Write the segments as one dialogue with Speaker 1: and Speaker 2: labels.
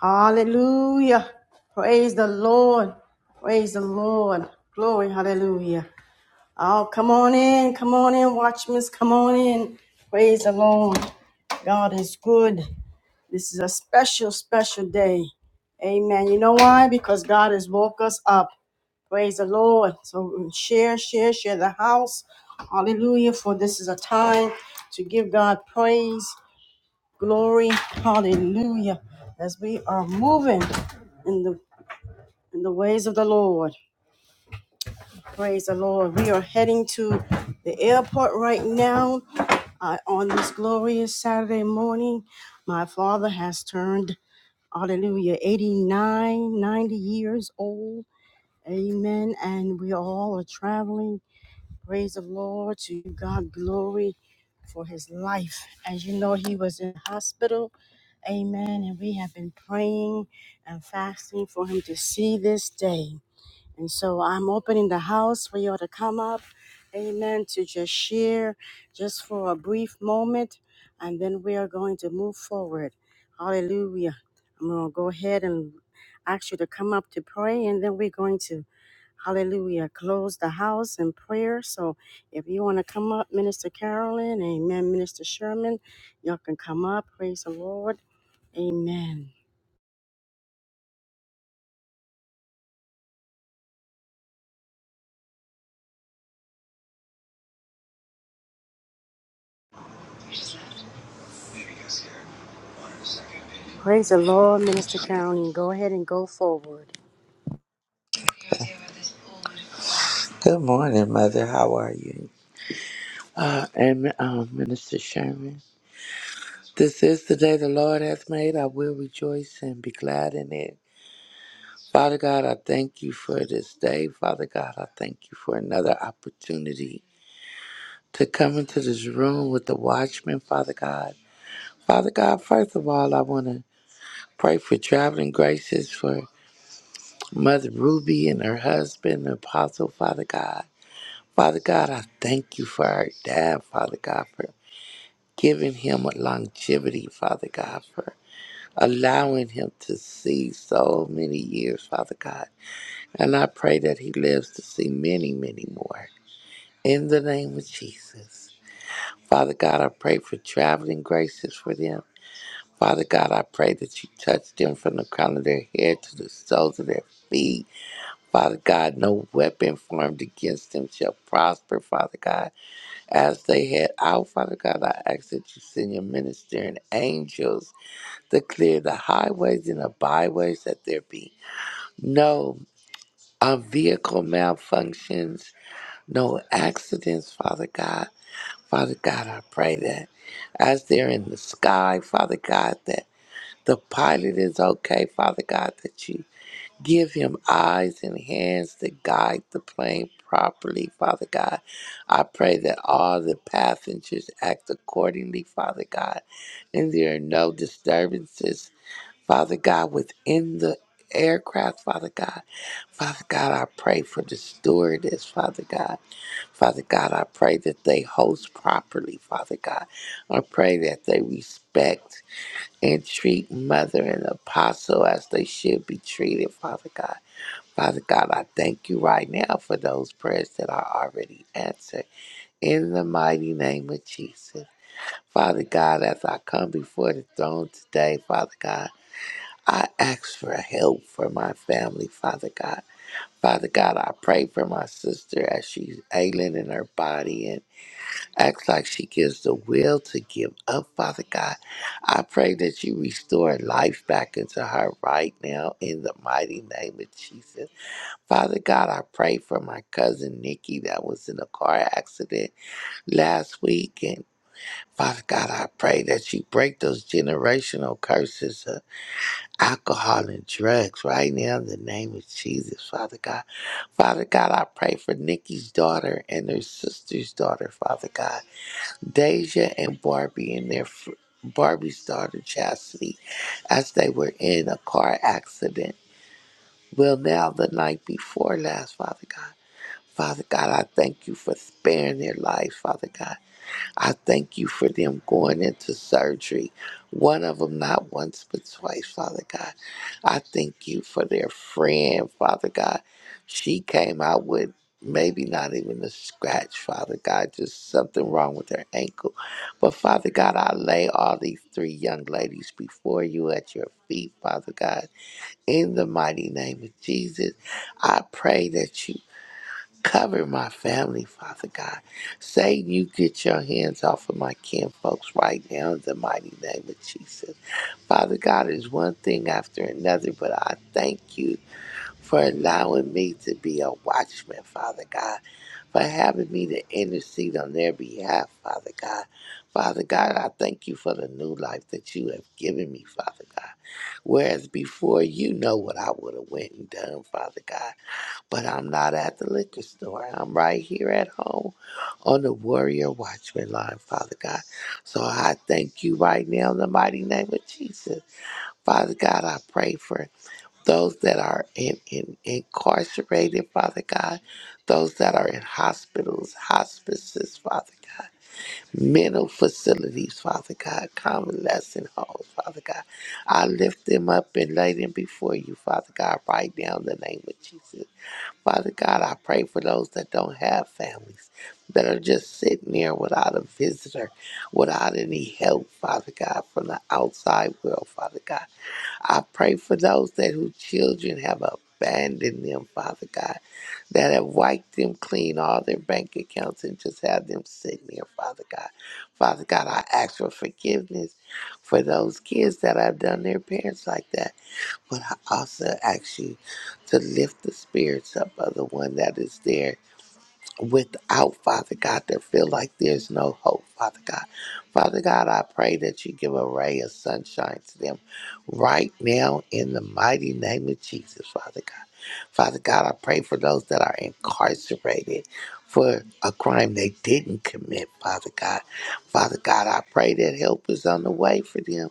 Speaker 1: Hallelujah. Praise the Lord. Praise the Lord. Glory. Hallelujah. Oh, come on in. Come on in, watchmen. Come on in. Praise the Lord. God is good. This is a special, special day. Amen. You know why? Because God has woke us up. Praise the Lord. So share, share, share the house. Hallelujah. For this is a time to give God praise. Glory, hallelujah, as we are moving in the in the ways of the Lord. Praise the Lord. We are heading to the airport right now uh, on this glorious Saturday morning. My father has turned, hallelujah, 89, 90 years old. Amen. And we all are traveling Praise the Lord to God glory for his life. As you know, he was in hospital. Amen. And we have been praying and fasting for him to see this day. And so I'm opening the house for you all to come up. Amen. To just share just for a brief moment. And then we are going to move forward. Hallelujah. I'm going to go ahead and ask you to come up to pray. And then we're going to Hallelujah. Close the house in prayer. So if you want to come up, Minister Carolyn, amen. Minister Sherman, y'all can come up. Praise the Lord. Amen. Praise the Lord, Minister Carolyn. Go ahead and go forward.
Speaker 2: Good morning, Mother. How are you? Uh, and um, Minister Sherman. This is the day the Lord hath made. I will rejoice and be glad in it. Father God, I thank you for this day. Father God, I thank you for another opportunity to come into this room with the watchman, Father God. Father God, first of all, I want to pray for traveling graces for Mother Ruby and her husband, Apostle, Father God. Father God, I thank you for our dad, Father God, giving him a longevity, Father God, for allowing him to see so many years, Father God. And I pray that he lives to see many, many more. In the name of Jesus. Father God, I pray for traveling graces for them. Father God, I pray that you touch them from the crown of their head to the soles of their feet. Father God, no weapon formed against them shall prosper, Father God. As they head out, Father God, I ask that you send your ministering angels to clear the highways and the byways that there be no uh, vehicle malfunctions, no accidents, Father God. Father God, I pray that as they're in the sky, Father God, that the pilot is okay, Father God, that you give him eyes and hands to guide the plane properly, Father God. I pray that all the passengers act accordingly, Father God, and there are no disturbances Father God, within the aircraft, Father God. Father God, I pray for the stewardess, Father God. Father God, I pray that they host properly, Father God. I pray that they respect and treat Mother and Apostle as they should be treated, Father God. Father God, I thank you right now for those prayers that are already answered. In the mighty name of Jesus. Father God, as I come before the throne today, Father God. I ask for help for my family, Father God. Father God, I pray for my sister as she's ailing in her body and acts like she gives the will to give up, Father God. I pray that you restore life back into her right now in the mighty name of Jesus. Father God, I pray for my cousin Nikki that was in a car accident last week. And Father God, I pray that you break those generational curses alcohol and drugs right now in the name of Jesus, Father God. Father God, I pray for Nikki's daughter and her sister's daughter, Father God. Deja and Barbie and their fr- Barbie's daughter Chastity as they were in a car accident. Well, now the night before last, Father God. Father God, I thank you for sparing their lives, Father God. I thank you for them going into surgery, one of them not once but twice, Father God. I thank you for their friend, Father God. She came out with maybe not even a scratch, Father God, just something wrong with her ankle. But Father God, I lay all these three young ladies before you at your feet, Father God. In the mighty name of Jesus, I pray that you Cover my family, Father God. Say you get your hands off of my kin folks right now in the mighty name of Jesus. Father God is one thing after another, but I thank you for allowing me to be a watchman, Father God, for having me to intercede on their behalf, Father God. Father God, I thank you for the new life that you have given me, Father God. Whereas before, you know what I would have went and done, Father God. But I'm not at the liquor store. I'm right here at home on the Warrior Watchman line, Father God. So I thank you right now in the mighty name of Jesus. Father God, I pray for those that are in, in, incarcerated, Father God, those that are in hospitals, hospices, Father God, mental facilities, Father God, convalescent homes, Father God. I lift them up and lay them before you, Father God, right now in the name of Jesus. Father God, I pray for those that don't have families, that are just sitting there without a visitor, without any help, Father God, from the outside world, Father God. I pray for those that whose children have abandoned them, Father God, that have wiped them clean, all their bank accounts, and just have them sitting there, Father God. Father God, I ask for forgiveness for those kids that have done their parents like that. But I also ask you to lift the spirits up of the one that is there without, Father God, that feel like there's no hope, Father God. Father God, I pray that you give a ray of sunshine to them right now in the mighty name of Jesus, Father God. Father God, I pray for those that are incarcerated for a crime they didn't commit, Father God. Father God, I pray that help is on the way for them,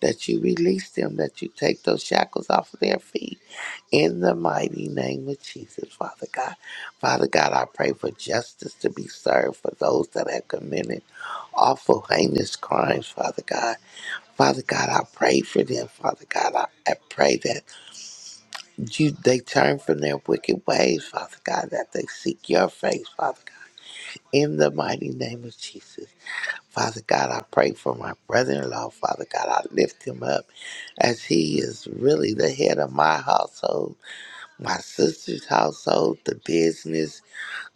Speaker 2: that you release them, that you take those shackles off of their feet. In the mighty name of Jesus, Father God. Father God, I pray for justice to be served for those that have committed awful, heinous crimes, Father God. Father God, I pray for them, Father God. I, I pray that you they turn from their wicked ways, Father God, that they seek your face, Father God. In the mighty name of Jesus. Father God, I pray for my brother in law, Father God. I lift him up as he is really the head of my household. my sister's household, the business,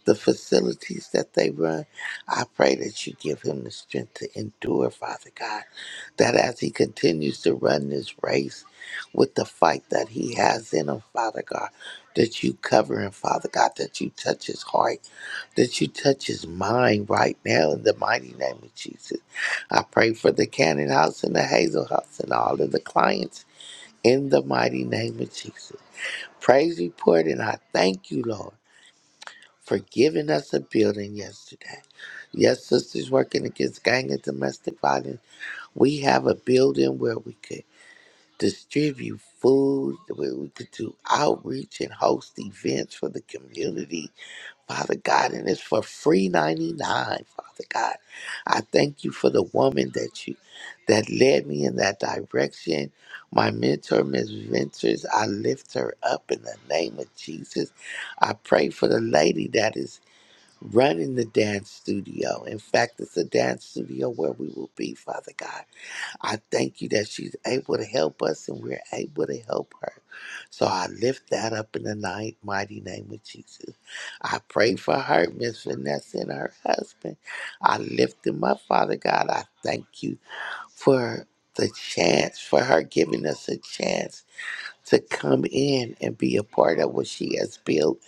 Speaker 2: the facilities that they run. I pray that you give him the strength to endure, Father God, that as he continues to run this race with the fight that he has in him, Father God, that you cover him, Father God, that you touch his heart, that you touch his mind right now in the mighty name of Jesus. I pray for the Cannon House and the Hazel House and all of the clients in the mighty name of Jesus praise report, and I thank you, Lord, for giving us a building yesterday. Yes, sisters working against gang and domestic violence, we have a building where we could distribute food, where we could do outreach and host events for the community. Father God, and it's for free ninety nine, Father God. I thank you for the woman that you that led me in that direction. My mentor, Miss Ventures, I lift her up in the name of Jesus. I pray for the lady that is running the dance studio. In fact, it's a dance studio where we will be, Father God. I thank you that she's able to help us and we're able to help her. So I lift that up in the night, mighty name of Jesus. I pray for her, Miss Vanessa, and her husband. I lift them up, Father God. I thank you for the chance, for her giving us a chance to come in and be a part of what she has built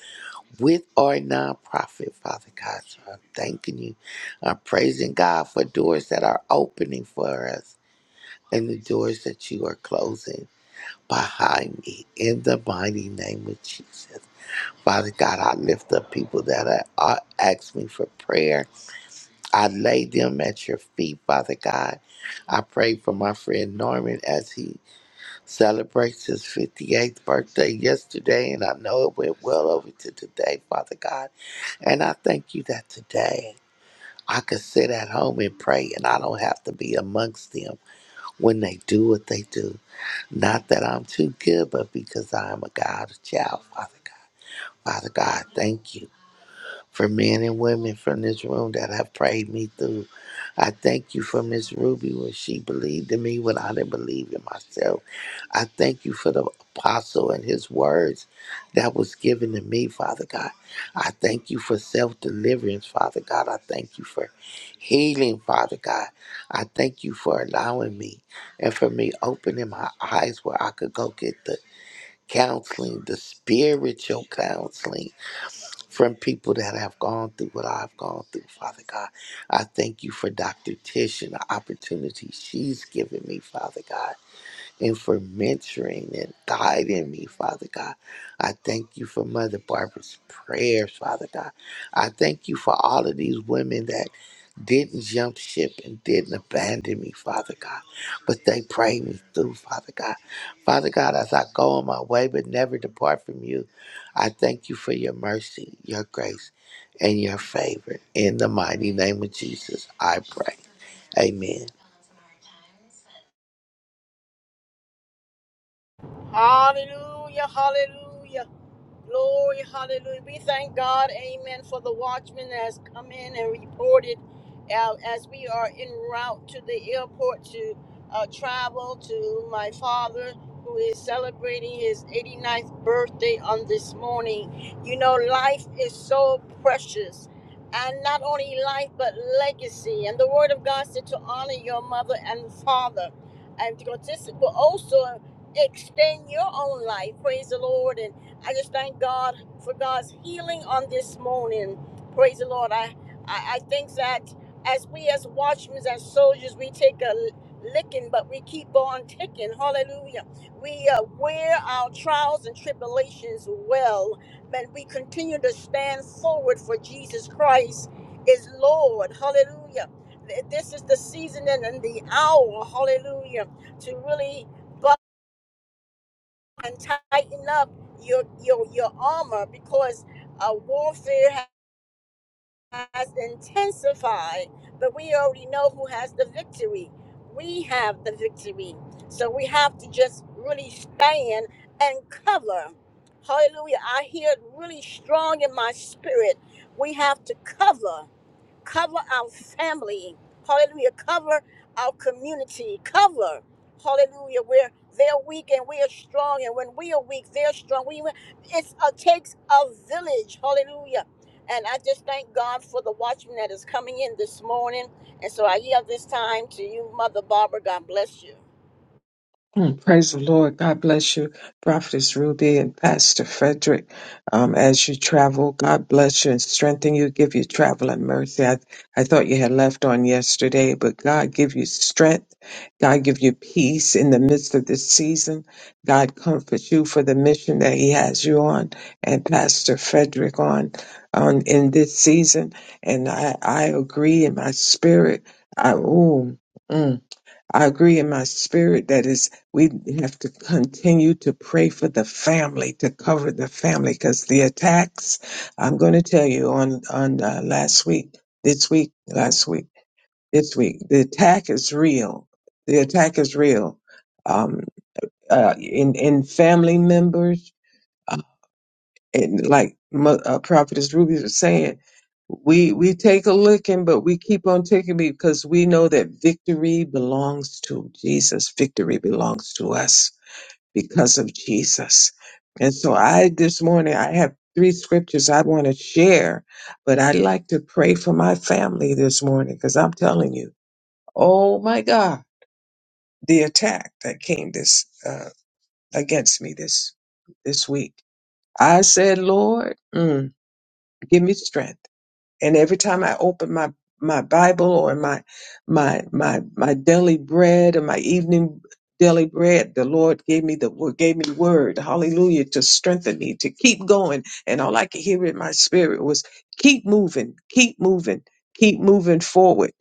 Speaker 2: with our nonprofit, Father God. So I'm thanking you. I'm praising God for doors that are opening for us and the doors that you are closing behind me in the mighty name of Jesus. Father God, I lift up people that are are- ask me for prayer. I lay them at your feet, Father God. I pray for my friend Norman as he celebrates his 58th birthday yesterday, and I know it went well over to today, Father God. And I thank you that today I could sit at home and pray, and I don't have to be amongst them when they do what they do. Not that I'm too good, but because I am a God child, Father God. Father God, thank you for men and women from this room that have prayed me through. I thank you for Miss Ruby when she believed in me when I didn't believe in myself. I thank you for the apostle and his words that was given to me, Father God. I thank you for self deliverance, Father God. I thank you for healing, Father God. I thank you for allowing me and for me opening my eyes where I could go get the counseling, the spiritual counseling from people that have gone through what I've gone through, Father God. I thank you for Dr. Tish and the opportunity she's given me, Father God and for mentoring and guiding me, Father God. I thank you for Mother Barbara's prayers, Father God. I thank you for all of these women that didn't jump ship and didn't abandon me, Father God, but they prayed me through, Father God. Father God, as I go on my way but never depart from you, I thank you for your mercy, your grace, and your favor. In the mighty name of Jesus, I pray. Amen.
Speaker 1: Hallelujah, hallelujah. Glory, hallelujah. We thank God, amen, for the watchman that has come in and reported uh, as we are en route to the airport to uh, travel to my father who is celebrating his 89th birthday on this morning. You know, life is so precious. And not only life, but legacy. And the word of God said to honor your mother and father. And to this will also extend your own life. Praise the Lord. and. I just thank God for God's healing on this morning. Praise the Lord. I, I, I think that as we, as watchmen, as soldiers, we take a licking, but we keep on ticking. Hallelujah. We uh, wear our trials and tribulations well, and we continue to stand forward for Jesus Christ is Lord. Hallelujah. Th- This is the season and and the hour, hallelujah, to really and tighten up your your your armor because uh, warfare ha- has intensified. But we already know who has the victory. We have the victory, so we have to just really stand and cover. Hallelujah! I hear it really strong in my spirit. We have to cover cover our family, hallelujah, cover our community, cover, hallelujah, where they're weak and we are strong, and when we are weak, they're strong. We it's a takes a village, hallelujah. And I just thank God for the watchman that is coming in this morning. And so I yield this time to you, Mother Barbara. God bless you.
Speaker 3: Mm, Praise the Lord. God bless you, Prophetess Ruby and Pastor Frederick. Um, as you travel, God bless you and strengthen you, give you travel and mercy. I, I thought you had left on yesterday, but God give you strength. God give you peace in the midst of this season. God comfort you for the mission that He has you on and Pastor Frederick on, on in this season. And I, I agree in my spirit. I, ooh. mm. I agree in my spirit that is we have to continue to pray for the family to cover the family because the attacks. I'm going to tell you on on uh, last week, this week, last week, this week. The attack is real. The attack is real. Um, uh, in in family members. And like Mo- uh, Prophetess Ruby was saying, we we take a licking, but we keep on taking because we know that victory belongs to Jesus. Victory belongs to us because of Jesus. And so I this morning I have three scriptures I want to share, but I'd like to pray for my family this morning because I'm telling you, oh my God, the attack that came this uh, against me this this week. I said, Lord. mm, give me strength. And every time I open my my Bible or my my my my daily bread or my evening daily bread, the Lord gave me the word gave me word, hallelujah, to strengthen me, to keep going. And all I could hear in my spirit was keep moving, keep moving, keep moving forward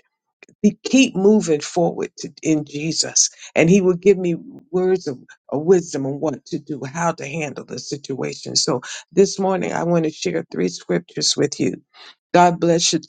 Speaker 3: we keep moving forward to, in Jesus, and He will give me words of, of wisdom on what to do, how to handle the situation. So this morning, I want to share three scriptures with you. God bless you.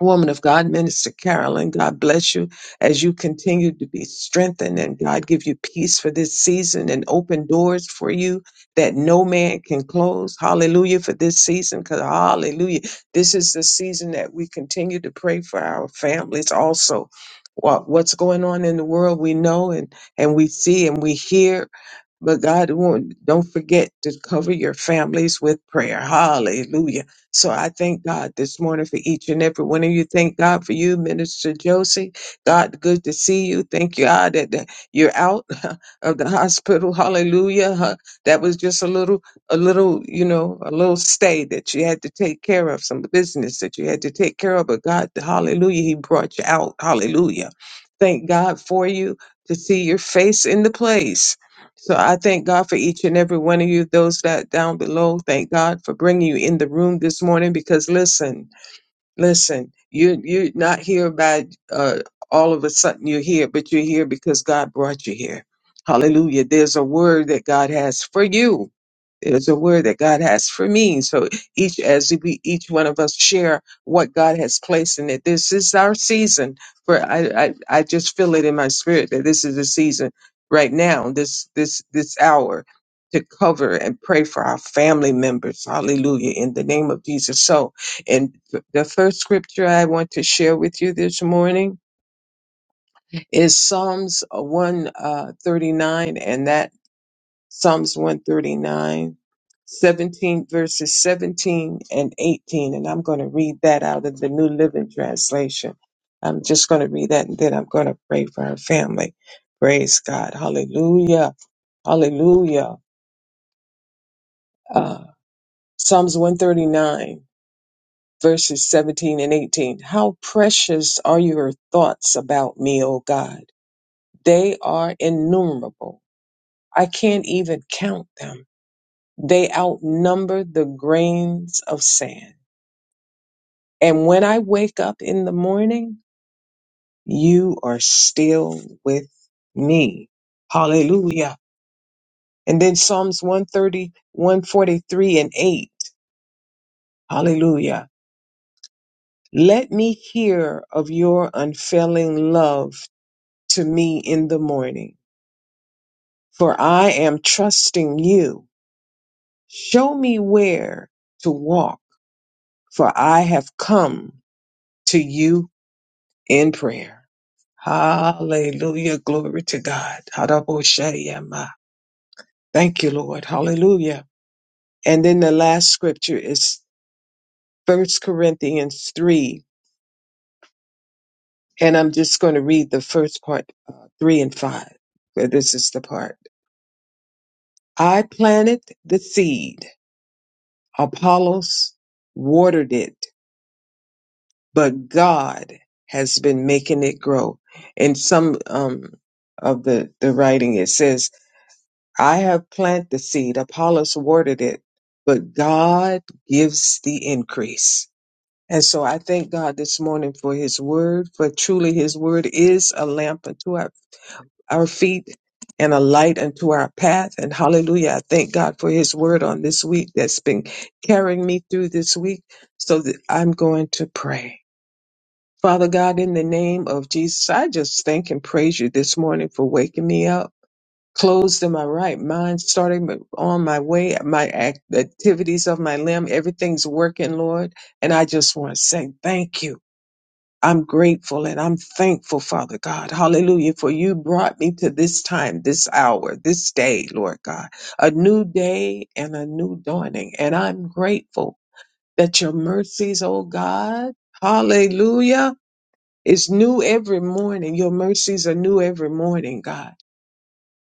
Speaker 3: Woman of God, Minister Carolyn, God bless you as you continue to be strengthened and God give you peace for this season and open doors for you that no man can close. Hallelujah for this season because hallelujah, this is the season that we continue to pray for our families also. What, what's going on in the world, we know and, and we see and we hear but God won't, don't forget to cover your families with prayer. Hallelujah. So I thank God this morning for each and every one of you. Thank God for you, Minister Josie. God, good to see you. Thank you, God, that that you're out of the hospital. Hallelujah. Huh. That was just a little, a little, you know, a little stay that you had to take care of, some business that you had to take care of. But God, hallelujah, He brought you out. Hallelujah. Thank God for you to see your face in the place. So I thank God for each and every one of you, those that down below. Thank God for bringing you in the room this morning because listen, Listen, you you're not here by uh, all of a sudden you're here, but you're here because God brought you here. Hallelujah. There's a word that God has for you. There's a word that God has for me. So each as we each one of us share what God has placed in it. This is our season for I I, I just feel it in my spirit that this is the season right now, this this this hour to cover and pray for our family members. Hallelujah. In the name of Jesus. So and th- the first scripture I want to share with you this morning is Psalms 139, and that Psalms 139, 17, verses 17 and 18. And I'm going to read that out of the New Living Translation. I'm just going to read that and then I'm going to pray for our family. Praise God. Hallelujah. Hallelujah. Uh, Psalms 139. verses 17 and 18. How precious are your thoughts about me, O God? They are innumerable. I can't even count them. They outnumber the grains of sand. And when I wake up in the morning, you are still with me. Hallelujah. And then Psalms 131:43 and 8. Hallelujah. Let me hear of your unfailing love to me in the morning, for I am trusting you. Show me where to walk, for I have come to you in prayer. Hallelujah. Glory to God. Hadaboshayama. Thank you, Lord. Hallelujah. And then the last scripture is First Corinthians 3. And I'm just going to read the first part, uh, 3 and 5. But This is the part. I planted the seed Apollos watered it, but God has been making it grow. In some um, of the, the writing, it says, I have planted the seed, Apollos watered it, but God gives the increase. And so I thank God this morning for his word, for truly his word is a lamp unto our our feet and a light unto our path. And hallelujah, I thank God for his word on this week that's been carrying me through this week so that I'm going to pray. Father God, in the name of Jesus, I just thank and praise you this morning for waking me up. Closed in my right mind, starting my- on my way, my act- activities of my limb, everything's working, Lord. And I just want to say thank you. I'm grateful and I'm thankful, Father God. Hallelujah. For you brought me to this time, this hour, this day, Lord God. A new day and a new dawning. And I'm grateful that your mercies, oh God, hallelujah, is new every morning. Your mercies are new every morning, God.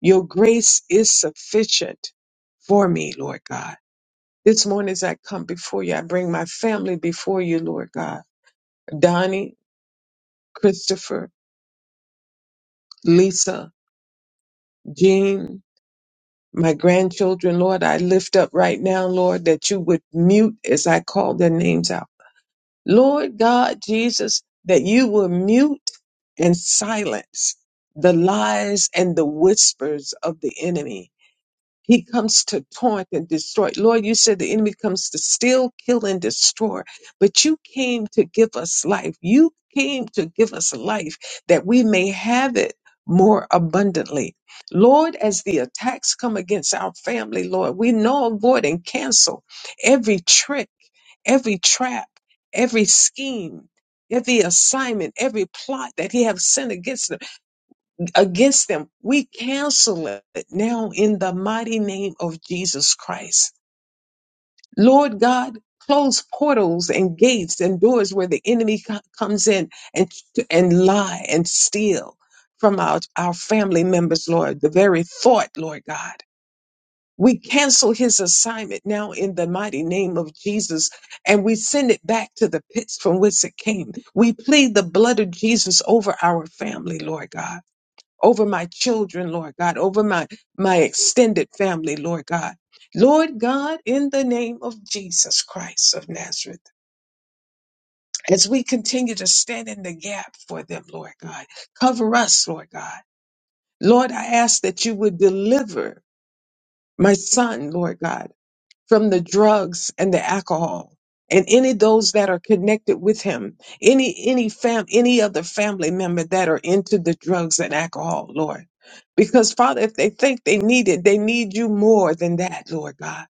Speaker 3: Your grace is sufficient for me, Lord God. This morning as I come before you, I bring my family before you, Lord God. Donnie, Christopher, Lisa, Jean, my grandchildren, Lord, I lift up right now, Lord, that you would mute as I call their names out. Lord God Jesus, that you will mute and silence the lies and the whispers of the enemy he comes to taunt and destroy. Lord, you said the enemy comes to steal, kill, and destroy. But you came to give us life. You came to give us life that we may have it more abundantly. Lord, as the attacks come against our family, Lord, we know, avoid, and cancel every trick, every trap, every scheme. Every assignment, every plot that he has sent against them against them. We cancel it now in the mighty name of Jesus Christ. Lord God, close portals and gates and doors where the enemy co- comes in and and lie and steal from our, our family members, Lord, the very thought, Lord God. We cancel his assignment now in the mighty name of Jesus and we send it back to the pits from whence it came. We plead the blood of Jesus over our family, Lord God over my children, Lord God, over my, my extended family, Lord God. Lord God, in the name of Jesus Christ of Nazareth, as we continue to stand in the gap for them, Lord God, cover us, Lord God. Lord, I ask that you would deliver my son, Lord God from the drugs and the alcohol and any of those that are connected with him any any fam any other family member that are into the drugs and alcohol lord because father if they think they need it they need you more than that lord god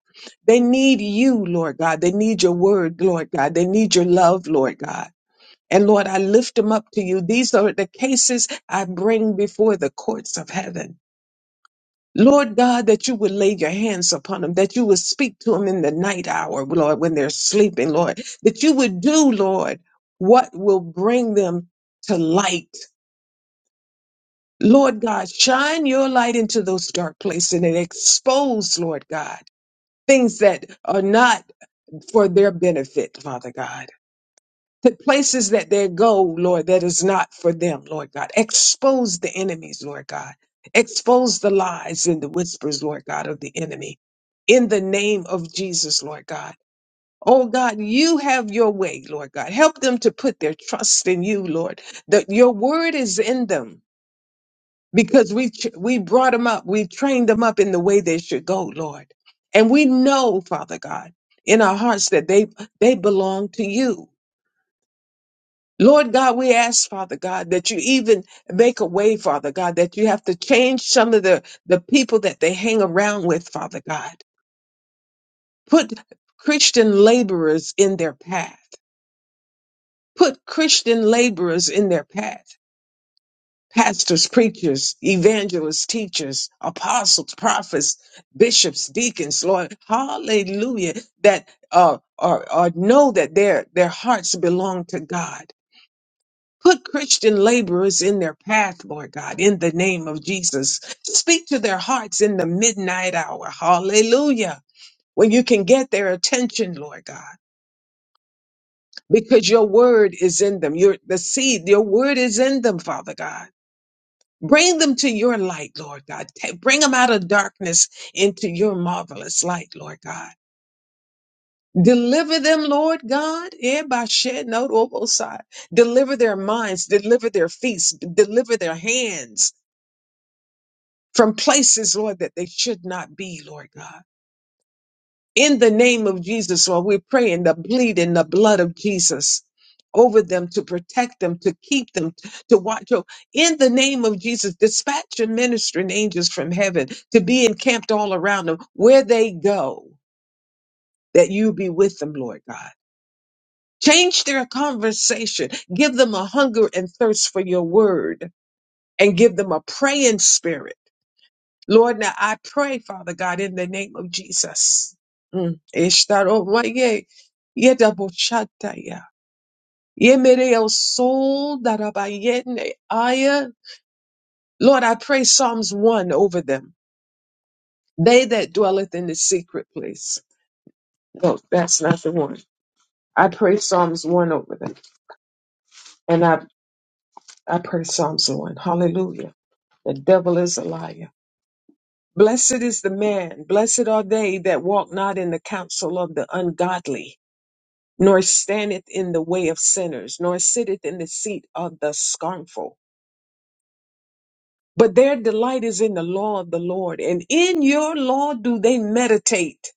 Speaker 3: they need you lord god they need your word lord god they need your love lord god and lord i lift them up to you these are the cases i bring before the courts of heaven Lord God, that you would lay your hands upon them, that you would speak to them in the night hour, Lord, when they're sleeping, Lord, that you would do, Lord, what will bring them to light. Lord God, shine your light into those dark places and expose, Lord God, things that are not for their benefit, Father God. to places that they go, Lord, that is not for them, Lord God. Expose the enemies, Lord God. Expose the lies and the whispers, Lord God, of the enemy. In the name of Jesus, Lord God. Oh God, you have your way, Lord God. Help them to put their trust in you, Lord. That your word is in them because we ch- we brought them up, we trained them up in the way they should go, Lord. And we know, Father God, in our hearts that they they belong to you Lord God, we ask, Father God, that you even make a way, Father God, that you have to change some of the, the people that they hang around with, Father God. Put Christian laborers in their path. Put Christian laborers in their path. Pastors, preachers, evangelists, teachers, apostles, prophets, bishops, deacons, Lord, hallelujah, that uh, are, are know that their, their hearts belong to God Put Christian laborers in their path, Lord God, in the name of Jesus. Speak to their hearts in the midnight hour. Hallelujah. When you can get their attention, Lord God, because your word is in them. Your the seed, your word is in them, Father God. Bring them to your light, Lord God. Ta- Bring them out of darkness into your marvelous light, Lord God. Deliver them, Lord God. Eh, by shed no oversight. Deliver their minds, deliver their feet, deliver their hands, from places, Lord, that they should not be, Lord God. In the name of Jesus, Lord, we're praying the bleeding, the blood of Jesus over them to protect them, to keep them, to watch over. In the name of Jesus, dispatch your ministering angels from heaven to be encamped all around them where they go, that you be with them, Lord God. Change their conversation. Give them a hunger and thirst for your word and give them a praying spirit Lord, now I pray, Father God, in the name of Jesus. Mm. Ishtaromwaye, yedabochataya, yemereosoldarabaiene aya. Lord, I pray Psalms 1 over them. They that dwelleth in the secret place. No, that's not the one. I pray Psalms 1 over them. And I, I pray Psalms 1. Hallelujah. The devil is a liar. Blessed is the man, blessed are they that walk not in the counsel of the ungodly nor standeth in the way of sinners, nor sitteth in the seat of the scornful. But their delight is in the law of the Lord, and in your law do they meditate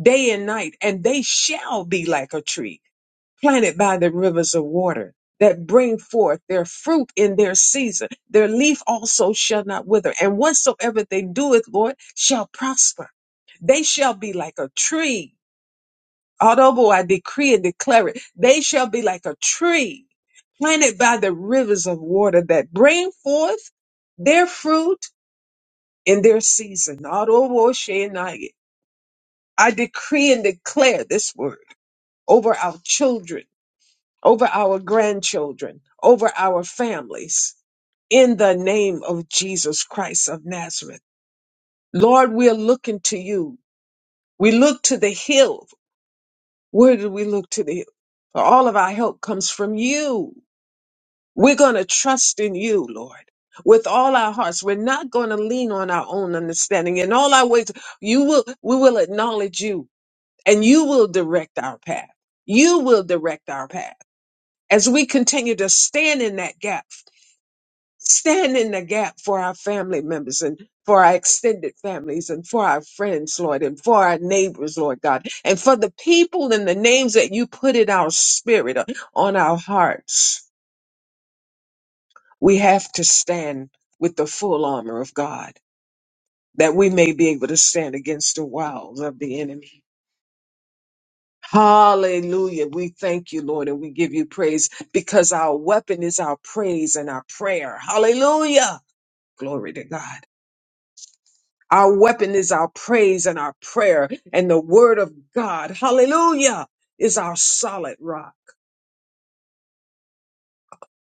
Speaker 3: day and night, and they shall be like a tree planted by the rivers of water that bring forth their fruit in their season. Their leaf also shall not wither, and whatsoever they doeth, Lord, shall prosper. They shall be like a tree Although I decree and declare it, they shall be like a tree planted by the rivers of water that bring forth their fruit in their season. Although I I decree and declare this word over our children, over our grandchildren, over our families in the name of Jesus Christ of Nazareth. Lord, we are looking to you. We look to the hill. Where do we look to the hill? For all of our help comes from you. We're going to trust in you, Lord, with all our hearts. We're not going to lean on our own understanding. In all our ways, you will, we will acknowledge you and you will direct our path. You will direct our path as we continue to stand in that gap, stand in the gap for our family members and for our extended families and for our friends, Lord, and for our neighbors, Lord God, and for the people and the names that you put in our spirit, uh, on our hearts. we have to stand with the full armor of God that we may be able to stand against the wiles of the enemy. Hallelujah. We thank you, Lord, and we give you praise because our weapon is our praise and our prayer. Hallelujah. Glory to God. Our weapon is our praise and our prayer and the word of God. Hallelujah is our solid rock.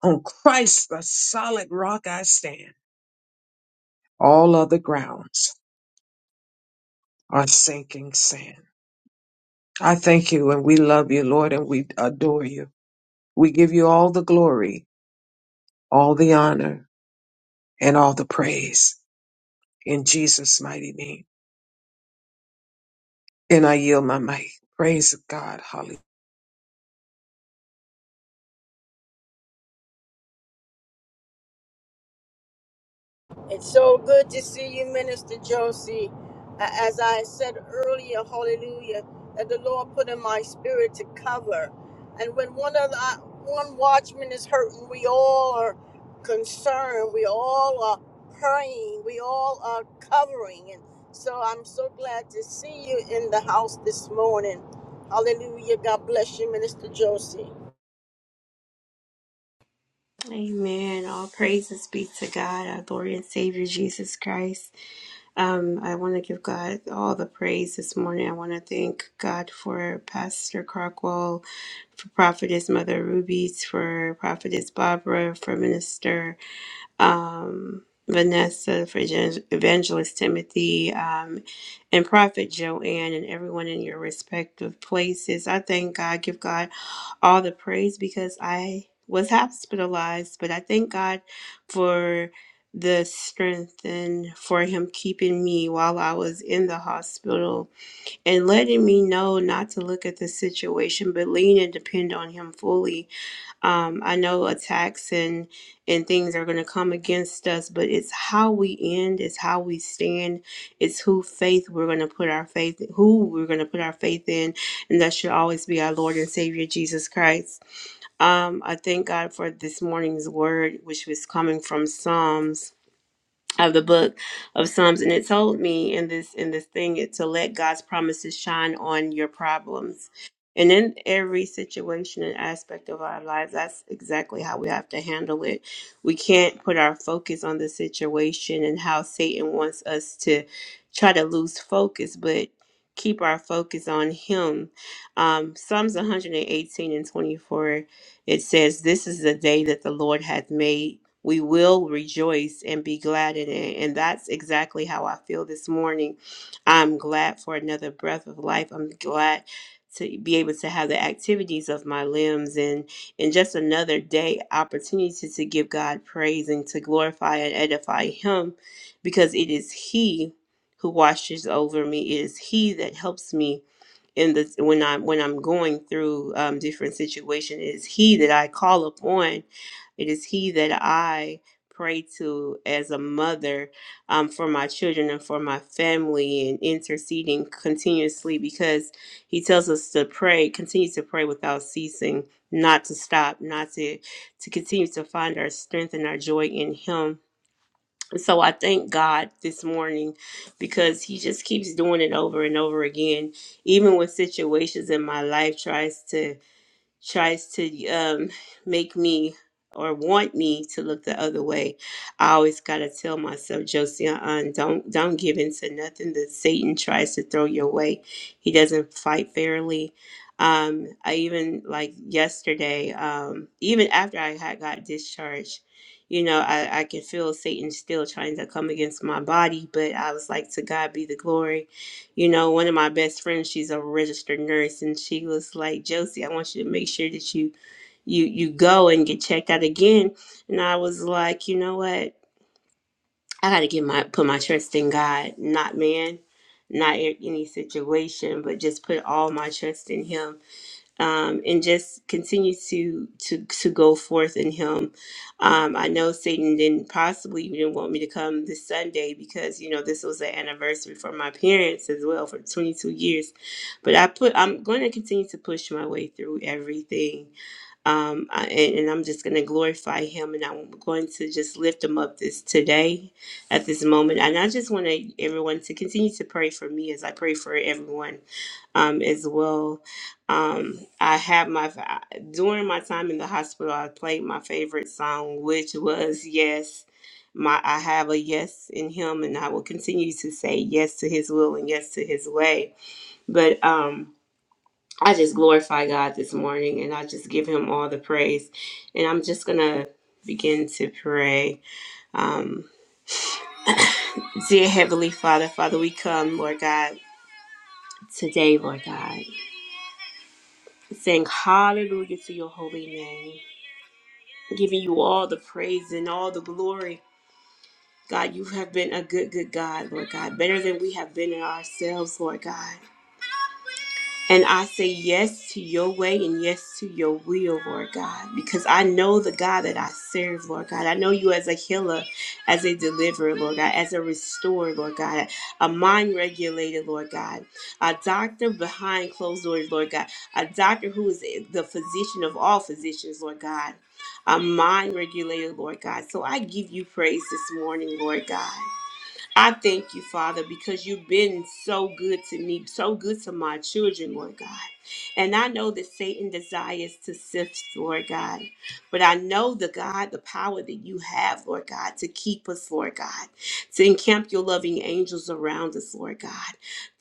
Speaker 3: On Christ, the solid rock I stand. All other grounds are sinking sand. I thank you and we love you, Lord, and we adore you. We give you all the glory, all the honor, and all the praise in Jesus' mighty name. And I yield my mic. Praise God. Hallelujah.
Speaker 1: It's so good to see you, Minister Josie. A- As I said earlier, hallelujah, that the Lord put in my spirit to cover. And when one of the, uh, one watchman is hurting, we all are concerned. We all are praying. We all are covering. And so I'm so glad to see you in the house this morning. Hallelujah. God bless you, Minister Josie.
Speaker 4: Amen. All praises be to God, our Lord and Savior Jesus Christ. Um, I want to give God all the praise this morning. I want to thank God for Pastor Crockwell, for Prophetess Mother Rubies, for Prophetess Barbara, for Minister um, Vanessa, for Evan- Evangelist Timothy, um, and Prophet Joanne, and everyone in your respective places. I thank God, give God all the praise because I was hospitalized, but I thank God for the strength and for Him keeping me while I was in the hospital and letting me know not to look at the situation, but lean and depend on Him fully um, I know attacks and and things are going to come against us, but it's how we end, it's how we stand, it's who faith we're going to put our faith, who we're going to put our faith in, and that should always be our Lord and Savior Jesus Christ. Um, I thank God for this morning's word, which was coming from Psalms of the book of Psalms, and it told me in this in this thing it, to let God's promises shine on your problems. And in every situation and aspect of our lives, that's exactly how we have to handle it. We can't put our focus on the situation and how Satan wants us to try to lose focus, but keep our focus on Him. Um, Psalms 118 and 24, it says, This is the day that the Lord hath made we will rejoice and be glad in it. And that's exactly how I feel this morning. I'm glad for another breath of life. I'm glad to be able to have the activities of my limbs and and just another day opportunity to give God praise and to glorify and edify him because it is he who watches over me. It is he that helps me in the when I when I'm going through um, different situations. It is He that I call upon. It is He that I pray to as a mother um, for my children and for my family and interceding continuously because He tells us to pray, continue to pray without ceasing, not to stop, not to to continue to find our strength and our joy in Him so I thank God this morning because he just keeps doing it over and over again even when situations in my life tries to tries to um, make me or want me to look the other way, I always gotta tell myself, Josie, uh, don't don't give in to nothing that Satan tries to throw your way. He doesn't fight fairly. Um, I even like yesterday, um, even after I had got discharged, you know, I, I can feel Satan still trying to come against my body, but I was like, to God be the glory you know, one of my best friends, she's a registered nurse, and she was like, Josie, I want you to make sure that you you you go and get checked out again. And I was like, you know what? I gotta get my put my trust in God, not man, not in any situation, but just put all my trust in him um, and just continue to to to go forth in Him. Um, I know Satan didn't possibly didn't want me to come this Sunday because you know this was an anniversary for my parents as well for 22 years, but I put I'm going to continue to push my way through everything. Um, I, and, and I'm just going to glorify him and I'm going to just lift him up this today at this moment. And I just want to everyone to continue to pray for me as I pray for everyone um, as well. Um, I have my during my time in the hospital, I played my favorite song, which was "Yes." My I have a yes in Him, and I will continue to say yes to His will and yes to His way. But um, I just glorify God this morning, and I just give Him all the praise. And I'm just gonna begin to pray. Um, dear Heavenly Father, Father, we come, Lord God, today, Lord God, saying hallelujah to Your holy name. giving you all the praise and all the glory. God, you have been a good, good God, Lord God, better than we have been in ourselves, Lord God. And I say yes to your way and yes to your will, Lord God, because I know the God that I serve, Lord God. I know you as a healer, as a deliverer, Lord God, as a restorer, Lord God, a mind regulator, Lord God, a doctor behind closed doors, Lord God, a doctor who is the physician of all physicians, Lord God, a mind regulator, Lord God. So I give you praise this morning, Lord God. I thank you, Father, because you've been so good to me, so good to my children, Lord God. And I know that Satan desires to sift, Lord God. But I know the God, the power that you have, Lord God, to keep us, Lord God, to encamp your loving angels around us, Lord God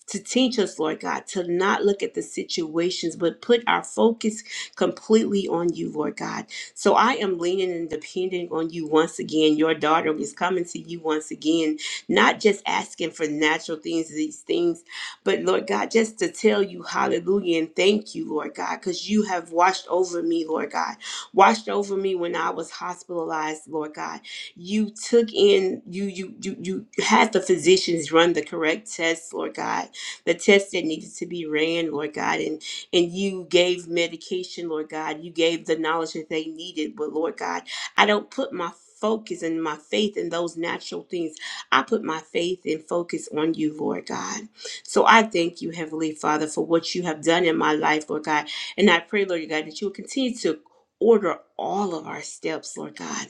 Speaker 4: to teach us, Lord God, to not look at the situations, but put our focus completely on you, Lord God. So I am leaning and depending on you once again. Your daughter is coming to you once again, not just asking for natural things, these things, but Lord God, just to tell you hallelujah and thank you, Lord God, because you have watched over me, Lord God. Watched over me when I was hospitalized, Lord God. You took in, you you you you had the physicians run the correct tests, Lord God the tests that needed to be ran, Lord God, and and you gave medication, Lord God. You gave the knowledge that they needed, but Lord God, I don't put my focus and my faith in those natural things. I put my faith and focus on you, Lord God. So I thank you, Heavenly Father, for what you have done in my life, Lord God. And I pray, Lord God, that you will continue to order all of our steps, Lord God.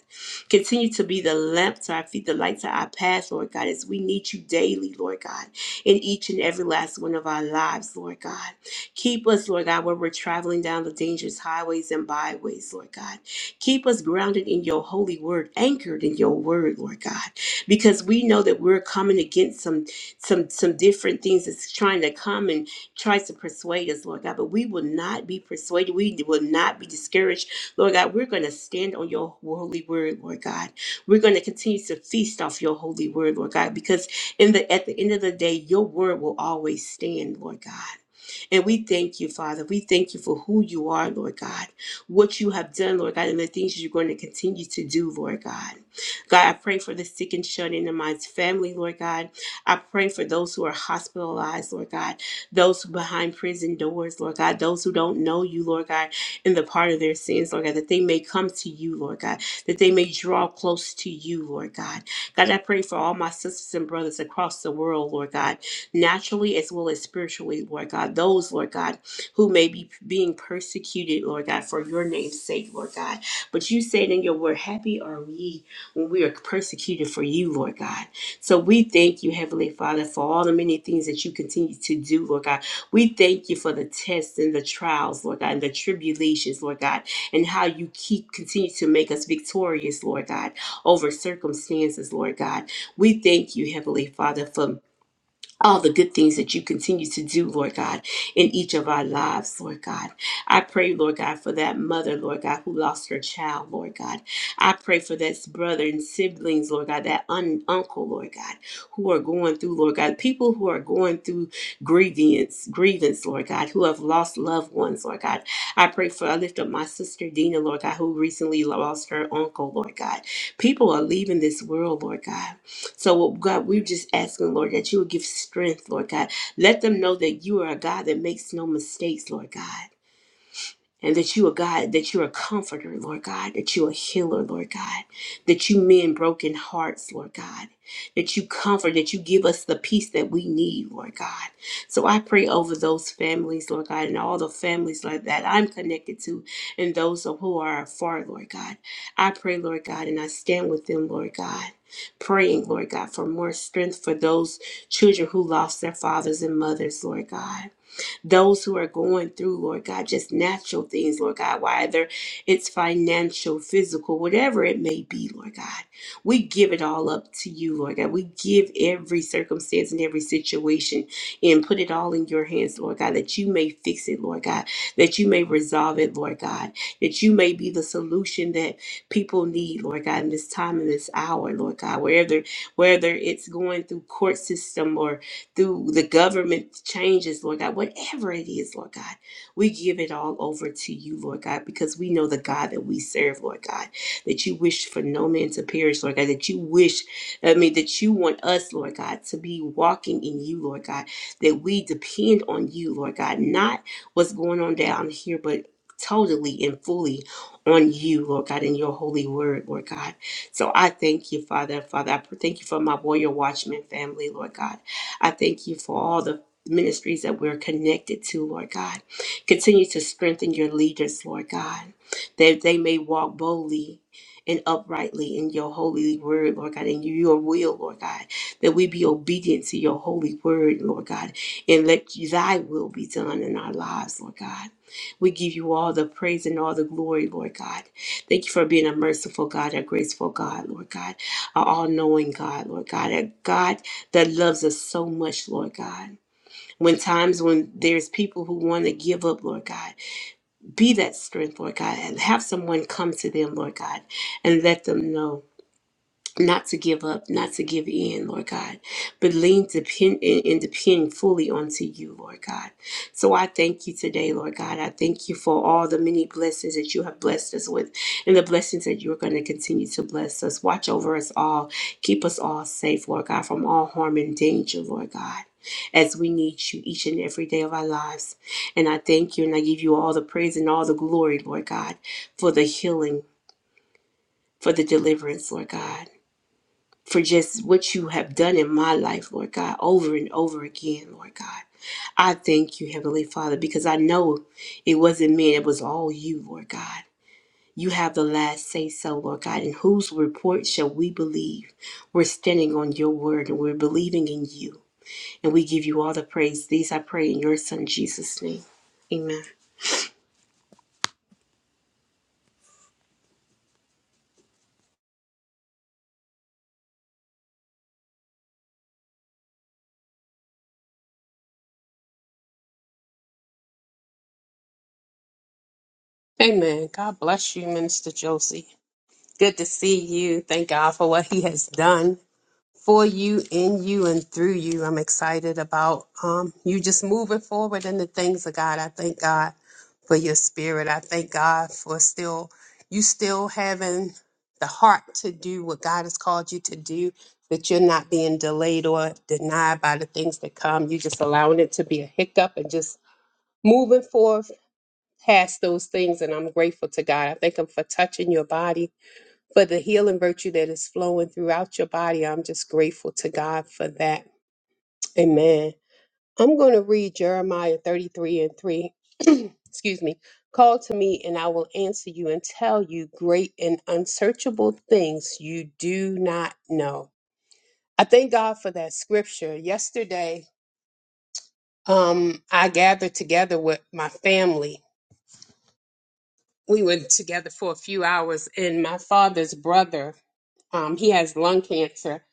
Speaker 4: Continue to be the lamp to our feet, the light to our path, Lord God, as we need you daily, Lord God in each and every last one of our lives, Lord God. Keep us, Lord God, where we're traveling down the dangerous highways and byways, Lord God. Keep us grounded in your holy word, anchored in your word, Lord God, because we know that we're coming against some some some different things that's trying to come and try to persuade us, Lord God. But we will not be persuaded. We will not be discouraged, Lord God. We're going to stand on your holy word, Lord God. We're going to continue to feast off your holy word, Lord God, because in the at the end of the day, your word will always stand, Lord God. And we thank you, Father. We thank you for who you are, Lord God, what you have done, Lord God, and the things you're going to continue to do, Lord God. God, I pray for the sick and shut in my family, Lord God. I pray for those who are hospitalized, Lord God, those who behind prison doors, Lord God, those who don't know you, Lord God, in the part of their sins, Lord God, that they may come to you, Lord God, that they may draw close to you, Lord God. God, I pray for all my sisters and brothers across the world, Lord God, naturally as well as spiritually, Lord God. Those, Lord God, who may be being persecuted, Lord God, for your name's sake, Lord God. But you said in your word, happy are we when we are persecuted for you, Lord God. So we thank you, Heavenly Father, for all the many things that you continue to do, Lord God. We thank you for the tests and the trials, Lord God, and the tribulations, Lord God, and how you keep continue to make us victorious, Lord God, over circumstances, Lord God. We thank you, Heavenly Father, for all the good things that you continue to do, Lord God, in each of our lives, Lord God. I pray, Lord God, for that mother, Lord God, who lost her child, Lord God. I pray for that brother and siblings, Lord God, that un- uncle, Lord God, who are going through, Lord God, people who are going through grievance, grievance, Lord God, who have lost loved ones, Lord God. I pray for, I lift up my sister Dina, Lord God, who recently lost her uncle, Lord God. People are leaving this world, Lord God so, oh, God, we're just asking, Lord, that you would give strength, Lord God. Let them know that you are a God that makes no mistakes, Lord God and that you are God, that you're a comforter, Lord God, that you're a healer, Lord God, that you mend broken hearts, Lord God, that you comfort, that you give us the peace that we need, Lord God. So I pray over those families, Lord God, and all the families like that I'm connected to and those who are afar, Lord God. I pray, Lord God, and I stand with them, Lord God. Praying, Lord God, for more strength for those children who lost their fathers and mothers, Lord God those who are going through, Lord God, just natural things, Lord God, whether it's financial, physical, whatever it may be, Lord God. We give it all up to you, Lord God. We give every circumstance and every situation and put it all in your hands, Lord God, that you may fix it, Lord God, that you may resolve it, Lord God, that you may be the solution that people need, Lord God, in this time and this hour, Lord God, wherever whether it's going through court system or through the government changes, Lord God, whatever it is, Lord God, we give it all over to you, Lord God, because we know the God that we serve, Lord God, that you wish for no man to perish, Lord God, that you wish, I mean, that you want us, Lord God, to be walking in you, Lord God, that we depend on you, Lord God, not what's going on down here, but totally and fully on you, Lord God, in your holy word, Lord God. So I thank you, Father. Father, I pr- thank you for my warrior watchman family, Lord God. I thank you for all the ministries that we're connected to, Lord God. Continue to strengthen your leaders, Lord God, that they may walk boldly and uprightly in your holy word, Lord God, and your will, Lord God, that we be obedient to your holy word, Lord God, and let thy will be done in our lives, Lord God. We give you all the praise and all the glory, Lord God. Thank you for being a merciful God, a graceful God, Lord God, an all knowing God, Lord God, a God that loves us so much, Lord God. When times when there's people who want to give up, Lord God, be that strength, Lord God, and have someone come to them, Lord God, and let them know not to give up, not to give in, Lord God, but lean depend and and depend fully onto you, Lord God. So I thank you today, Lord God. I thank you for all the many blessings that you have blessed us with and the blessings that you're going to continue to bless us. Watch over us all. Keep us all safe, Lord God, from all harm and danger, Lord God. As we need you each and every day of our lives. And I thank you and I give you all the praise and all the glory, Lord God, for the healing, for the deliverance, Lord God for just what you have done in my life, Lord God, over and over again, Lord God. I thank you, Heavenly Father, because I know it wasn't me, it was all you, Lord God. You have the last say so, Lord God, and whose report shall we believe? We're standing on your word and we're believing in you. And we give you all the praise. These I pray in your son Jesus' name. Amen.
Speaker 5: Amen. God bless you, Minister Josie. Good to see you. Thank God for what He has done for you, in you, and through you. I'm excited about um, you just moving forward in the things of God. I thank God for your spirit. I thank God for still you still having the heart to do what God has called you to do. That you're not being delayed or denied by the things that come. You just allowing it to be a hiccup and just moving forward past those things and I'm grateful to God. I thank him for touching your body, for the healing virtue that is flowing throughout your body. I'm just grateful to God for that. Amen. I'm going to read Jeremiah 33 and 3. Excuse me. Call to me and I will answer you and tell you great and unsearchable things you do not know. I thank God for that scripture. Yesterday, um, I gathered together with my family we were together for a few hours and my father's brother um, he has lung cancer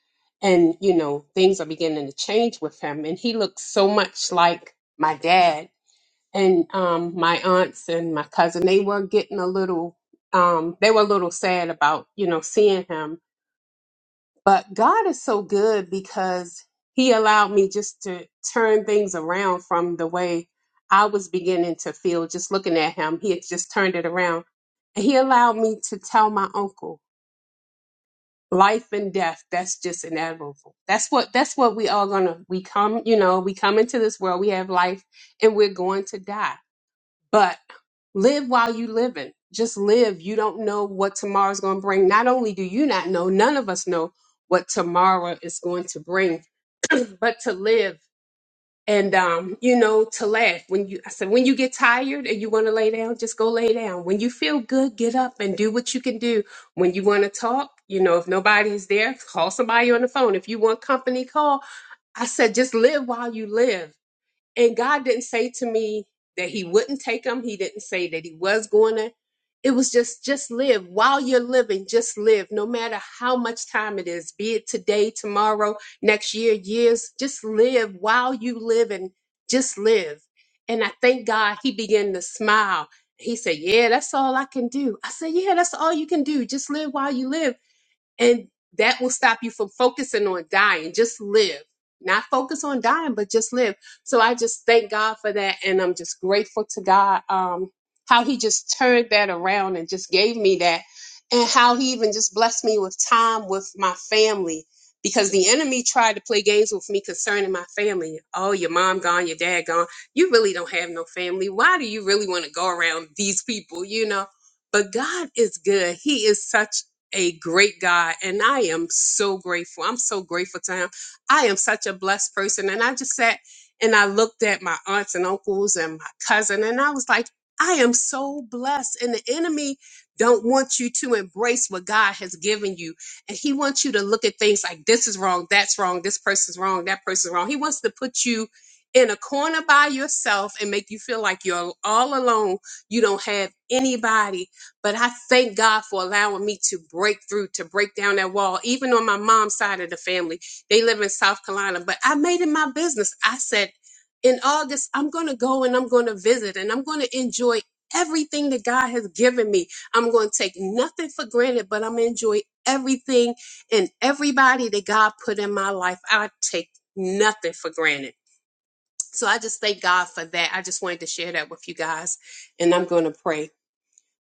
Speaker 5: and you know things are beginning to change with him and he looks so much like my dad and um, my aunts and my cousin they were getting a little um, they were a little sad about you know seeing him but God is so good because He allowed me just to turn things around from the way I was beginning to feel just looking at Him. He had just turned it around. And He allowed me to tell my uncle, life and death, that's just inevitable. That's what that's what we all gonna we come, you know, we come into this world, we have life and we're going to die. But live while you living just live you don't know what tomorrow's going to bring not only do you not know none of us know what tomorrow is going to bring but to live and um you know to laugh when you i said when you get tired and you want to lay down just go lay down when you feel good get up and do what you can do when you want to talk you know if nobody's there call somebody on the phone if you want company call i said just live while you live and God didn't say to me that He wouldn't take them. He didn't say that He was going to. It was just, just live. While you're living, just live. No matter how much time it is, be it today, tomorrow, next year, years, just live while you live and just live. And I thank God He began to smile. He said, Yeah, that's all I can do. I said, Yeah, that's all you can do. Just live while you live. And that will stop you from focusing on dying. Just live. Not focus on dying, but just live. So I just thank God for that. And I'm just grateful to God um, how He just turned that around and just gave me that. And how He even just blessed me with time with my family. Because the enemy tried to play games with me concerning my family. Oh, your mom gone, your dad gone. You really don't have no family. Why do you really want to go around these people, you know? But God is good. He is such a great God, and I am so grateful. I'm so grateful to him. I am such a blessed person. And I just sat and I looked at my aunts and uncles and my cousin, and I was like, I am so blessed. And the enemy don't want you to embrace what God has given you. And he wants you to look at things like this is wrong, that's wrong, this person's wrong, that person's wrong. He wants to put you in a corner by yourself and make you feel like you're all alone. You don't have anybody but I thank God for allowing me to break through, to break down that wall. Even on my mom's side of the family, they live in South Carolina, but I made it my business. I said, in August, I'm going to go and I'm going to visit and I'm going to enjoy everything that God has given me. I'm going to take nothing for granted, but I'm going to enjoy everything and everybody that God put in my life. I take nothing for granted. So I just thank God for that. I just wanted to share that with you guys, and I'm going to pray.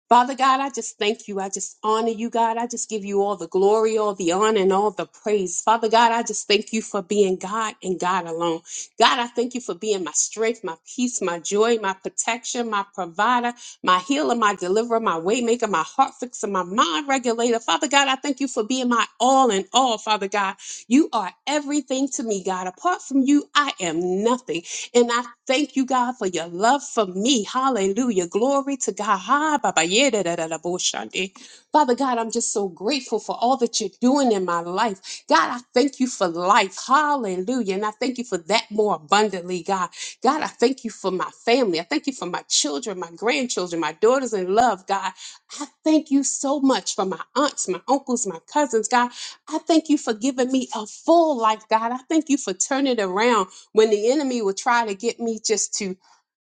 Speaker 5: Father God, I just thank you. I just honor you, God. I just give you all the glory, all the honor, and all the praise. Father God, I just thank you for being God and God alone. God, I thank you for being my strength, my peace, my joy, my protection, my provider, my healer, my deliverer, my waymaker, my heart fixer, my mind regulator. Father God, I thank you for being my all in all, Father God. You are everything to me, God. Apart from you, I am nothing. And I thank you, God, for your love for me. Hallelujah. Glory to God. Ha, ba, ba, yeah, da, da, da, da, bo, shande. Father God, I'm just so grateful for all that you're doing in my life. God, I thank you for life. Hallelujah. And I thank you for that more abundantly, God. God, I thank you for my family. I thank you for my children, my grandchildren, my daughters in love, God. I thank you so much for my aunts, my uncles, my cousins, God. I thank you for giving me a full life, God. I thank you for turning it around when the enemy would try to get me just to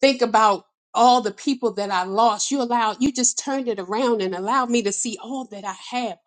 Speaker 5: think about all the people that I lost. You allowed, you just turned it around and allowed me to see all that I have.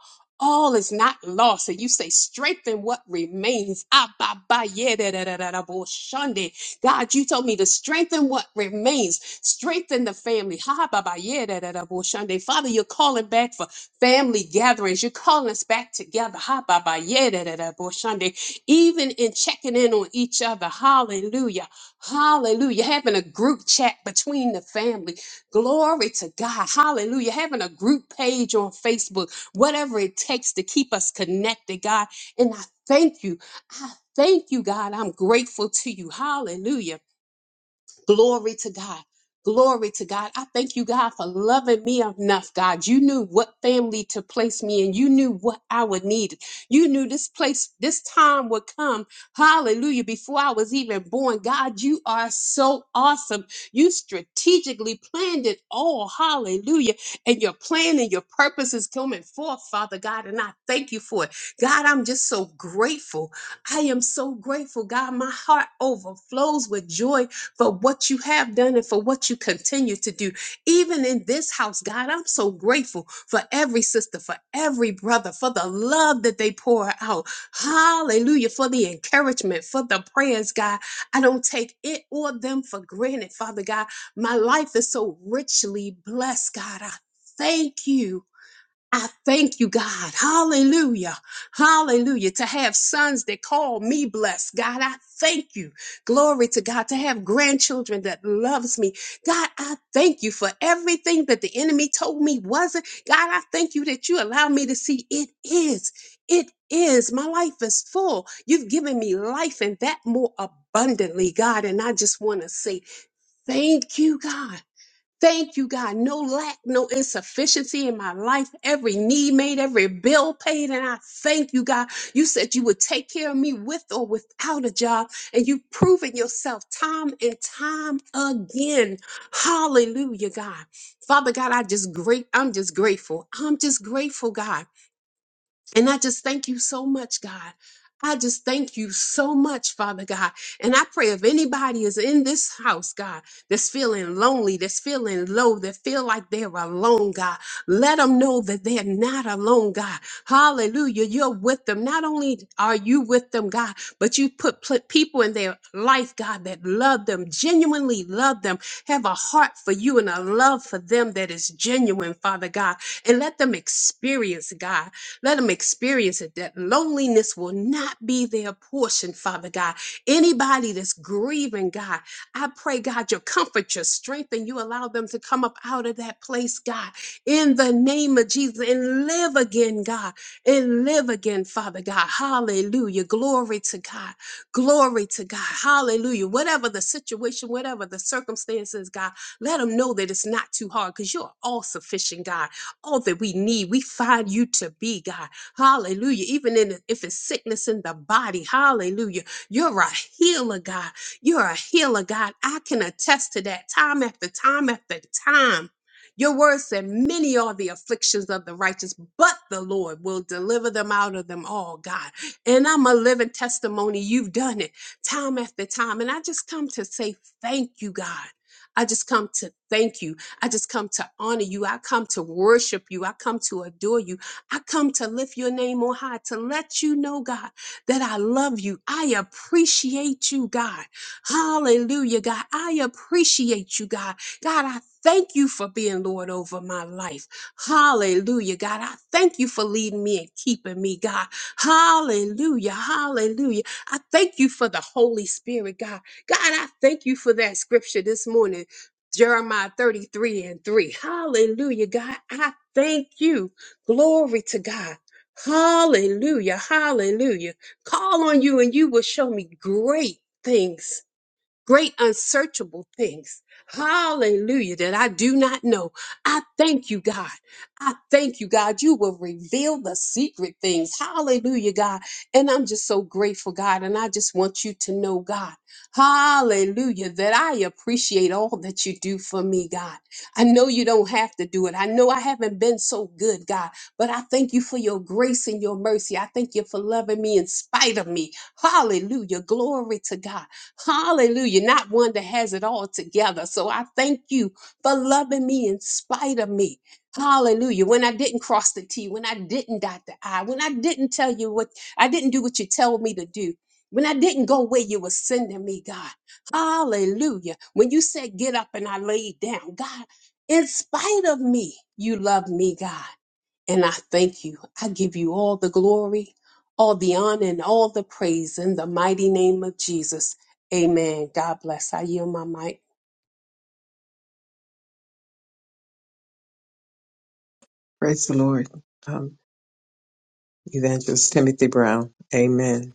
Speaker 5: All is not lost. And you say, strengthen what remains. Ah, ba, ba, yeah, da, da, da, da, da, bo, shande. God, you told me to strengthen what remains. Strengthen the family. Ha, ba, ba, yeah, da, da, da, bo, shande. Father, you're calling back for family gatherings. You're calling us back together. Ha, ba, ba, yeah, da, da, da, bo, shande. Even in checking in on each other. Hallelujah. Hallelujah. Having a group chat between the family. Glory to God. Hallelujah. Having a group page on Facebook, whatever it takes to keep us connected, God. And I thank you. I thank you, God. I'm grateful to you. Hallelujah. Glory to God. Glory to God. I thank you, God, for loving me enough, God. You knew what family to place me in. You knew what I would need. You knew this place, this time would come. Hallelujah. Before I was even born, God, you are so awesome. You strategically planned it all. Hallelujah. And your plan and your purpose is coming forth, Father God. And I thank you for it. God, I'm just so grateful. I am so grateful, God. My heart overflows with joy for what you have done and for what you continue to do. Even in this house, God, I'm so grateful for every sister, for every brother, for the love that they pour out. Hallelujah. For the encouragement, for the prayers, God. I don't take it or them for granted, Father God. My life is so richly blessed, God. I thank you. I thank you, God. Hallelujah. Hallelujah. To have sons that call me blessed. God, I thank you. Glory to God. To have grandchildren that loves me. God, I thank you for everything that the enemy told me wasn't. God, I thank you that you allow me to see it is. It is. My life is full. You've given me life and that more abundantly, God. And I just want to say thank you, God. Thank you, God. No lack, no insufficiency in my life. Every need made, every bill paid. And I thank you, God. You said you would take care of me with or without a job. And you've proven yourself time and time again. Hallelujah, God. Father God, I just great. I'm just grateful. I'm just grateful, God. And I just thank you so much, God. I just thank you so much, Father God. And I pray if anybody is in this house, God, that's feeling lonely, that's feeling low, that feel like they're alone, God, let them know that they're not alone, God. Hallelujah. You're with them. Not only are you with them, God, but you put pl- people in their life, God, that love them, genuinely love them, have a heart for you and a love for them that is genuine, Father God. And let them experience, God. Let them experience it that loneliness will not be their portion, Father God. Anybody that's grieving, God, I pray, God, your comfort, your strength, and you allow them to come up out of that place, God, in the name of Jesus and live again, God, and live again, Father God. Hallelujah. Glory to God. Glory to God. Hallelujah. Whatever the situation, whatever the circumstances, God, let them know that it's not too hard because you're all sufficient, God all that we need. We find you to be God. Hallelujah. Even in, if it's sickness in the body, hallelujah. You're a healer, God. You're a healer, God. I can attest to that time after time after time. Your word said, Many are the afflictions of the righteous, but the Lord will deliver them out of them all, God. And I'm a living testimony. You've done it time after time. And I just come to say, Thank you, God. I just come to thank you. I just come to honor you. I come to worship you. I come to adore you. I come to lift your name on high to let you know, God, that I love you. I appreciate you, God. Hallelujah, God. I appreciate you, God. God, I thank you for being Lord over my life. Hallelujah, God. I thank you for leading me and keeping me, God. Hallelujah, hallelujah. I thank you for the Holy Spirit, God. God, I thank you for that scripture this morning Jeremiah 33 and 3. Hallelujah, God. I thank you. Glory to God. Hallelujah. Hallelujah. Call on you and you will show me great things great unsearchable things. Hallelujah, that I do not know. I thank you, God. I thank you, God. You will reveal the secret things. Hallelujah, God. And I'm just so grateful, God. And I just want you to know, God. Hallelujah, that I appreciate all that you do for me, God. I know you don't have to do it. I know I haven't been so good, God, but I thank you for your grace and your mercy. I thank you for loving me in spite of me. Hallelujah. Glory to God. Hallelujah. Not one that has it all together. So I thank you for loving me in spite of me. Hallelujah. When I didn't cross the T, when I didn't dot the I, when I didn't tell you what, I didn't do what you tell me to do. When I didn't go where you were sending me, God. Hallelujah. When you said get up and I laid down, God, in spite of me, you love me, God. And I thank you. I give you all the glory, all the honor, and all the praise in the mighty name of Jesus. Amen. God bless. I yield my mic.
Speaker 3: Praise the Lord. Um, Evangelist Timothy Brown. Amen.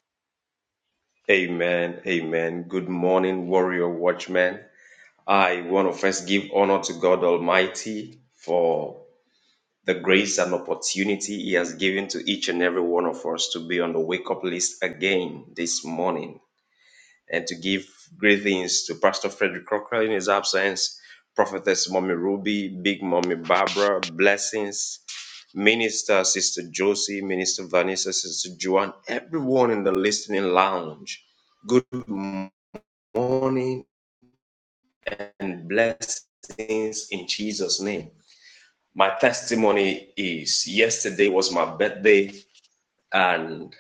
Speaker 6: Amen. Amen. Good morning, warrior watchmen. I want to first give honor to God Almighty for the grace and opportunity He has given to each and every one of us to be on the wake up list again this morning and to give greetings to Pastor Frederick Crocker in his absence, Prophetess Mommy Ruby, Big Mommy Barbara, blessings, Minister Sister Josie, Minister Vanessa, Sister Joan, everyone in the listening lounge. Good morning and blessings in Jesus' name. My testimony is yesterday was my birthday, and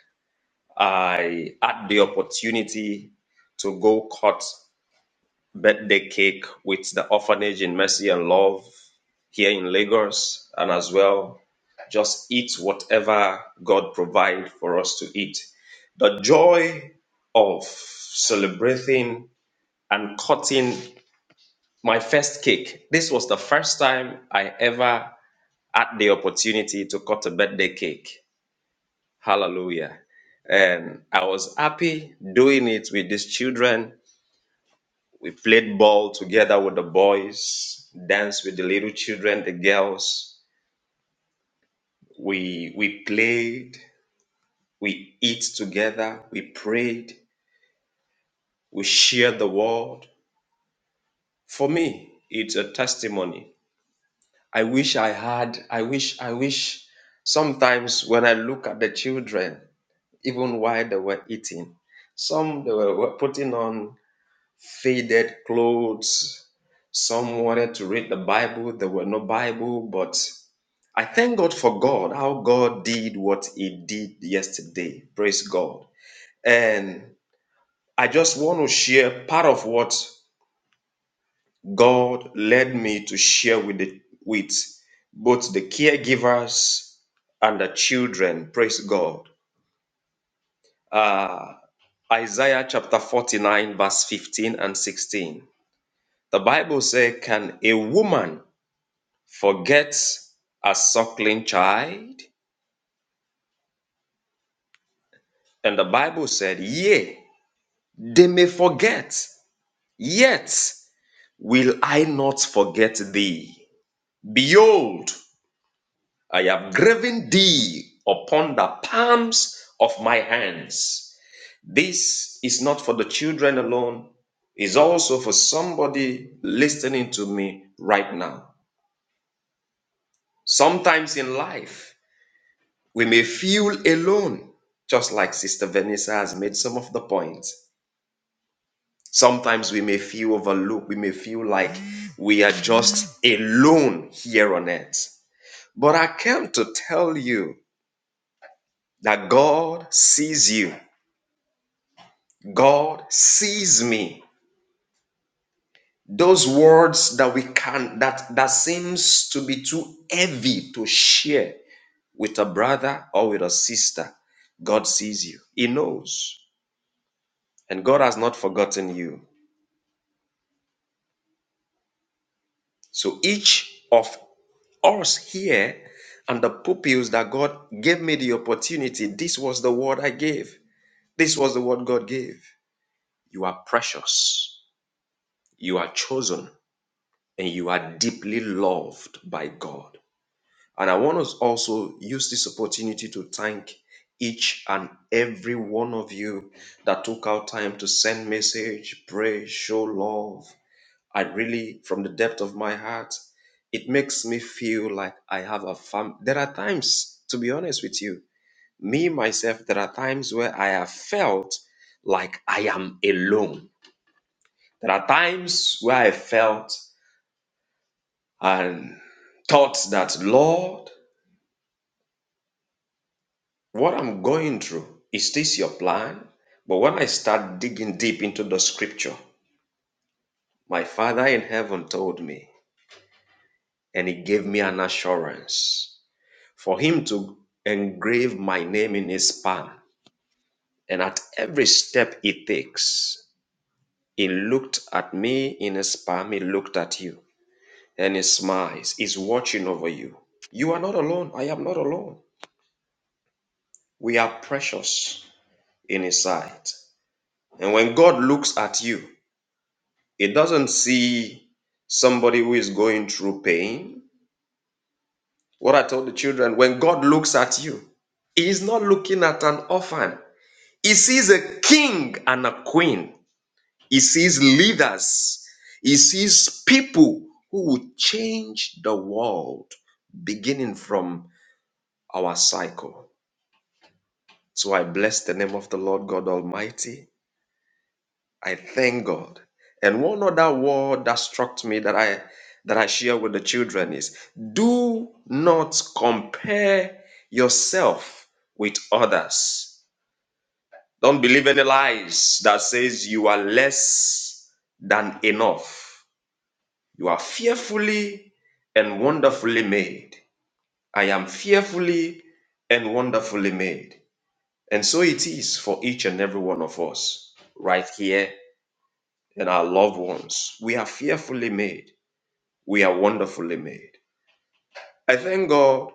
Speaker 6: I had the opportunity to go cut birthday cake with the orphanage in Mercy and Love here in Lagos, and as well just eat whatever God provide for us to eat. The joy of celebrating and cutting my first cake. This was the first time I ever had the opportunity to cut a birthday cake. Hallelujah. And I was happy doing it with these children. We played ball together with the boys, danced with the little children, the girls. We we played, we eat together, we prayed, we shared the word. For me, it's a testimony I wish I had, I wish, I wish. Sometimes when I look at the children, even while they were eating, some they were were putting on faded clothes. Some wanted to read the Bible. There were no Bible, but I thank God for God, how God did what He did yesterday. Praise God. And I just want to share part of what God led me to share with the with both the caregivers and the children. Praise God. Uh, Isaiah chapter 49, verse 15 and 16. The Bible says, Can a woman forget a suckling child? And the Bible said, Yea, they may forget, yet will I not forget thee. Behold, I have graven thee upon the palms of my hands. This is not for the children alone, it's also for somebody listening to me right now. Sometimes in life, we may feel alone, just like Sister Vanessa has made some of the points. Sometimes we may feel overlooked, we may feel like we are just alone here on earth. But I came to tell you that God sees you. God sees me. Those words that we can that that seems to be too heavy to share with a brother or with a sister. God sees you. He knows. And God has not forgotten you. So each of us here and the pupils that God gave me the opportunity, this was the word I gave. This was the word God gave. You are precious. You are chosen and you are deeply loved by God. And I want to also use this opportunity to thank each and every one of you that took out time to send message, pray, show love. I really, from the depth of my heart, it makes me feel like I have a fam. There are times, to be honest with you, me myself, there are times where I have felt like I am alone. There are times where I felt and thought that, Lord, What I'm going through, is this your plan? But when I start digging deep into the scripture, my Father in heaven told me, and he gave me an assurance for him to engrave my name in his palm. And at every step he takes, he looked at me in his palm, he looked at you, and he smiles. He's watching over you. You are not alone. I am not alone. We are precious in his sight. And when God looks at you, It doesn't see somebody who is going through pain. What I told the children when God looks at you, He is not looking at an orphan, He sees a king and a queen, He sees leaders, He sees people who will change the world beginning from our cycle. So I bless the name of the Lord God Almighty. I thank God. And one other word that struck me that I that I share with the children is do not compare yourself with others. Don't believe any lies that says you are less than enough. You are fearfully and wonderfully made. I am fearfully and wonderfully made. And so it is for each and every one of us right here and our loved ones. We are fearfully made. We are wonderfully made. I thank God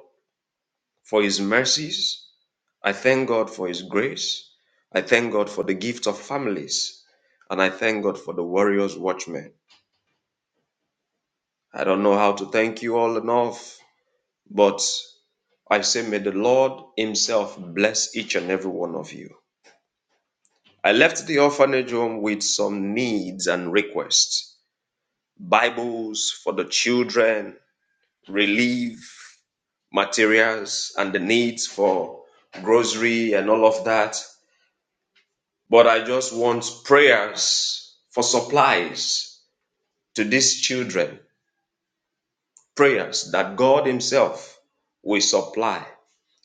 Speaker 6: for His mercies. I thank God for His grace. I thank God for the gift of families. And I thank God for the warriors, watchmen. I don't know how to thank you all enough, but I say, may the Lord Himself bless each and every one of you. I left the orphanage home with some needs and requests Bibles for the children, relief materials and the needs for grocery and all of that. But I just want prayers for supplies to these children, prayers that God Himself will supply.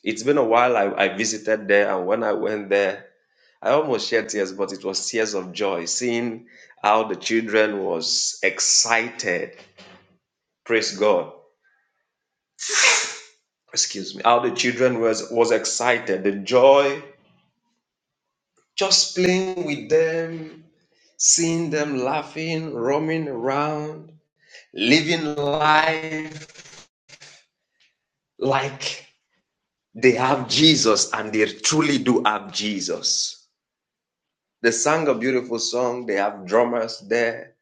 Speaker 6: It's been a while I, I visited there, and when I went there, I almost shed tears, but it was tears of joy, seeing how the children was excited. Praise God. Excuse me. How the children was was excited. The joy, just playing with them, seeing them laughing, roaming around, living life like they have Jesus and they truly do have Jesus. They sang a beautiful song, they have drummers there.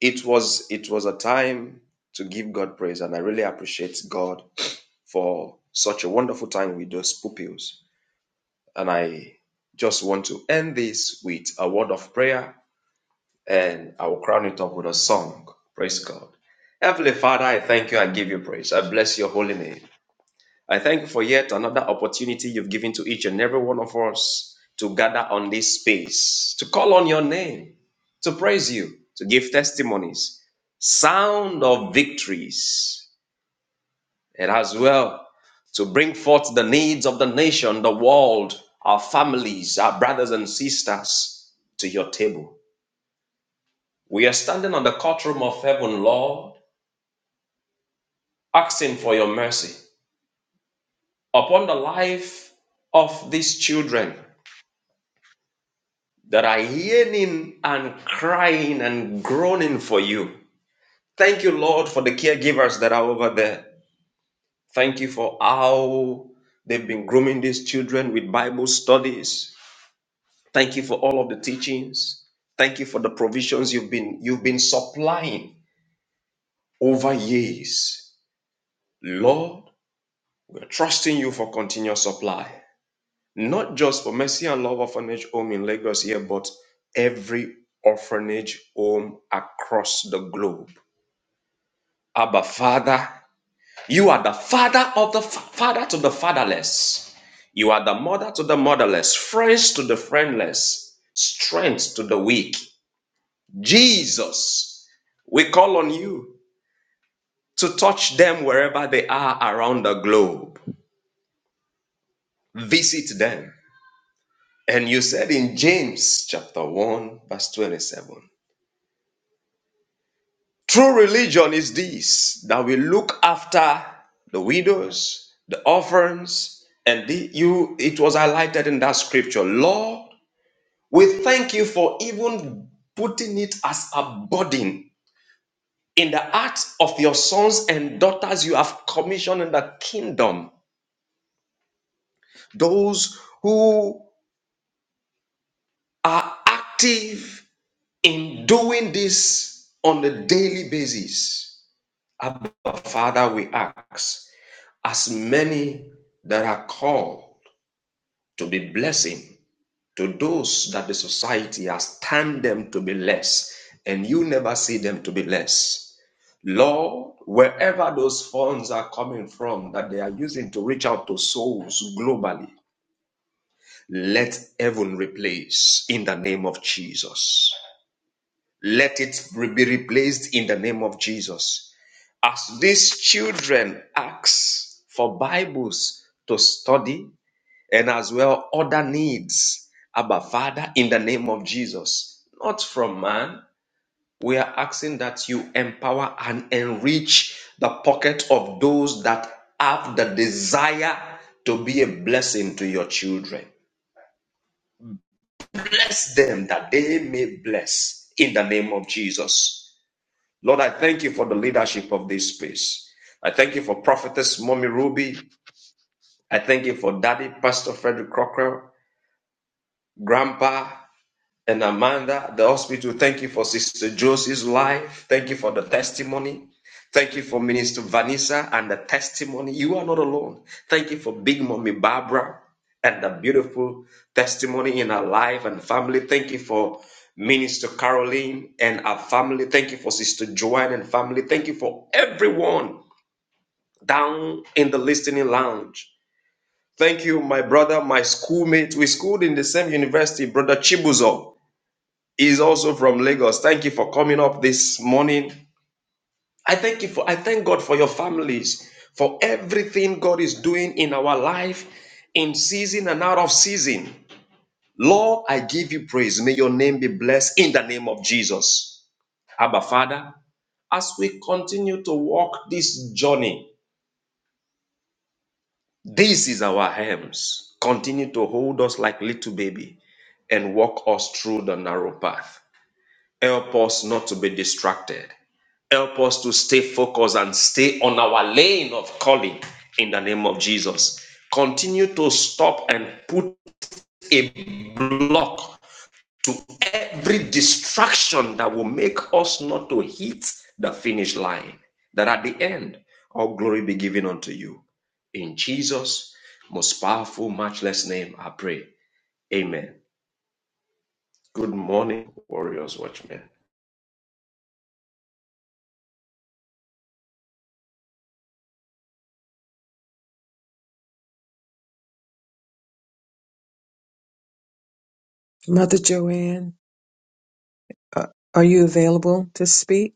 Speaker 6: It was it was a time to give God praise, and I really appreciate God for such a wonderful time with those pupils. And I just want to end this with a word of prayer and I will crown it up with a song. Praise God. Heavenly Father, I thank you. and give you praise. I bless your holy name. I thank you for yet another opportunity you've given to each and every one of us to gather on this space, to call on your name, to praise you, to give testimonies, sound of victories, and as well to bring forth the needs of the nation, the world, our families, our brothers and sisters to your table. We are standing on the courtroom of heaven, Lord, asking for your mercy upon the life of these children that are yearning and crying and groaning for you. Thank you, Lord, for the caregivers that are over there. Thank you for how they've been grooming these children with Bible studies. Thank you for all of the teachings. Thank you for the provisions you've been you've been supplying over years. Lord, we're trusting you for continuous supply. not just for Mercy and Love Orphanage Home in Lagos here, but every orphanage home across the globe. Abba, Father, you are the father of the fa- father to the fatherless. You are the mother to the motherless, friends to the friendless, strength to the weak. Jesus, we call on you to touch them wherever they are around the globe. Visit them. And you said in James chapter 1, verse 27. True religion is this that we look after the widows, the orphans, and the, you. It was highlighted in that scripture. Lord, we thank you for even putting it as a burden in the hearts of your sons and daughters you have commissioned in the kingdom. Those who are active in doing this on a daily basis. Abba, Father, we ask. as many that are called to be blessing to those that the society has termed them to be less, and you never see them to be less. Lord, wherever those funds are coming from that they are using to reach out to souls globally, let heaven replace in the name of Jesus. Let it be replaced in the name of Jesus. As these children ask for Bibles to study, and as well other needs. Abba, Father, in the name of Jesus, not from man. We are asking that you empower and enrich the pocket of those that have the desire to be a blessing to your children. Bless them that they may bless in the name of Jesus. Lord, I thank you for the leadership of this space. I thank you for Prophetess Mommy Ruby. I thank you for Daddy Pastor Frederick Crocker, Grandpa and Amanda, the hospital. Thank you for Sister Josie's life. Thank you for the testimony. Thank you for Minister Vanessa and the testimony. You are not alone. Thank you for Big Mommy Barbara and the beautiful testimony in her life and family. Thank you for Minister Caroline and her family. Thank you for Sister Joanne and family. Thank you for everyone down in the listening lounge. Thank you, my brother, my schoolmate. We schooled in the same university, Brother Chibuzo is also from Lagos. Thank you for coming up this morning. I thank you for I thank God for your families, for everything God is doing in our life, in season and out of season. Lord, I give you praise. May your name be blessed in the name of Jesus. Abba Father, as we continue to walk this journey, this is our hands. Continue to hold us like little baby and walk us through the narrow path. Help us not to be distracted. Help us to stay focused and stay on our lane of calling in the name of Jesus. Continue to stop and put a block to every distraction that will make us not to hit the finish line. That at the end, all glory be given unto you. In Jesus' most powerful, matchless name, I pray. Amen. Good morning, Warriors Watchmen.
Speaker 3: Mother Joanne, uh, are you available to speak?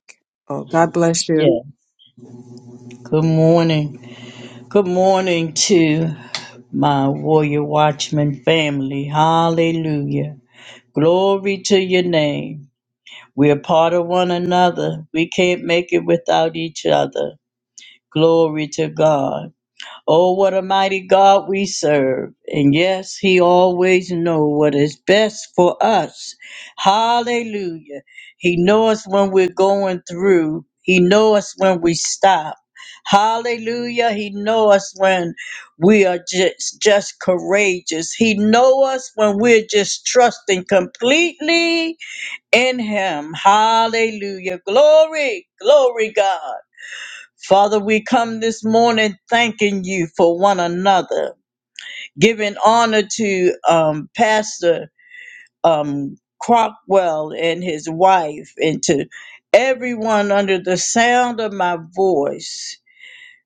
Speaker 3: Oh, God bless you.
Speaker 7: Yeah. Good morning. Good morning to my warrior watchman family. Hallelujah. Glory to your name. We're part of one another. We can't make it without each other. Glory to God. Oh, what a mighty God we serve. And yes, he always know what is best for us. Hallelujah. He knows when we're going through. He knows when we stop. Hallelujah. He knows us when we are just, just courageous. He knows us when we're just trusting completely in him. Hallelujah. Glory, glory God. Father, we come this morning thanking you for one another, giving honor to um, Pastor um, Crockwell and his wife, and to everyone under the sound of my voice.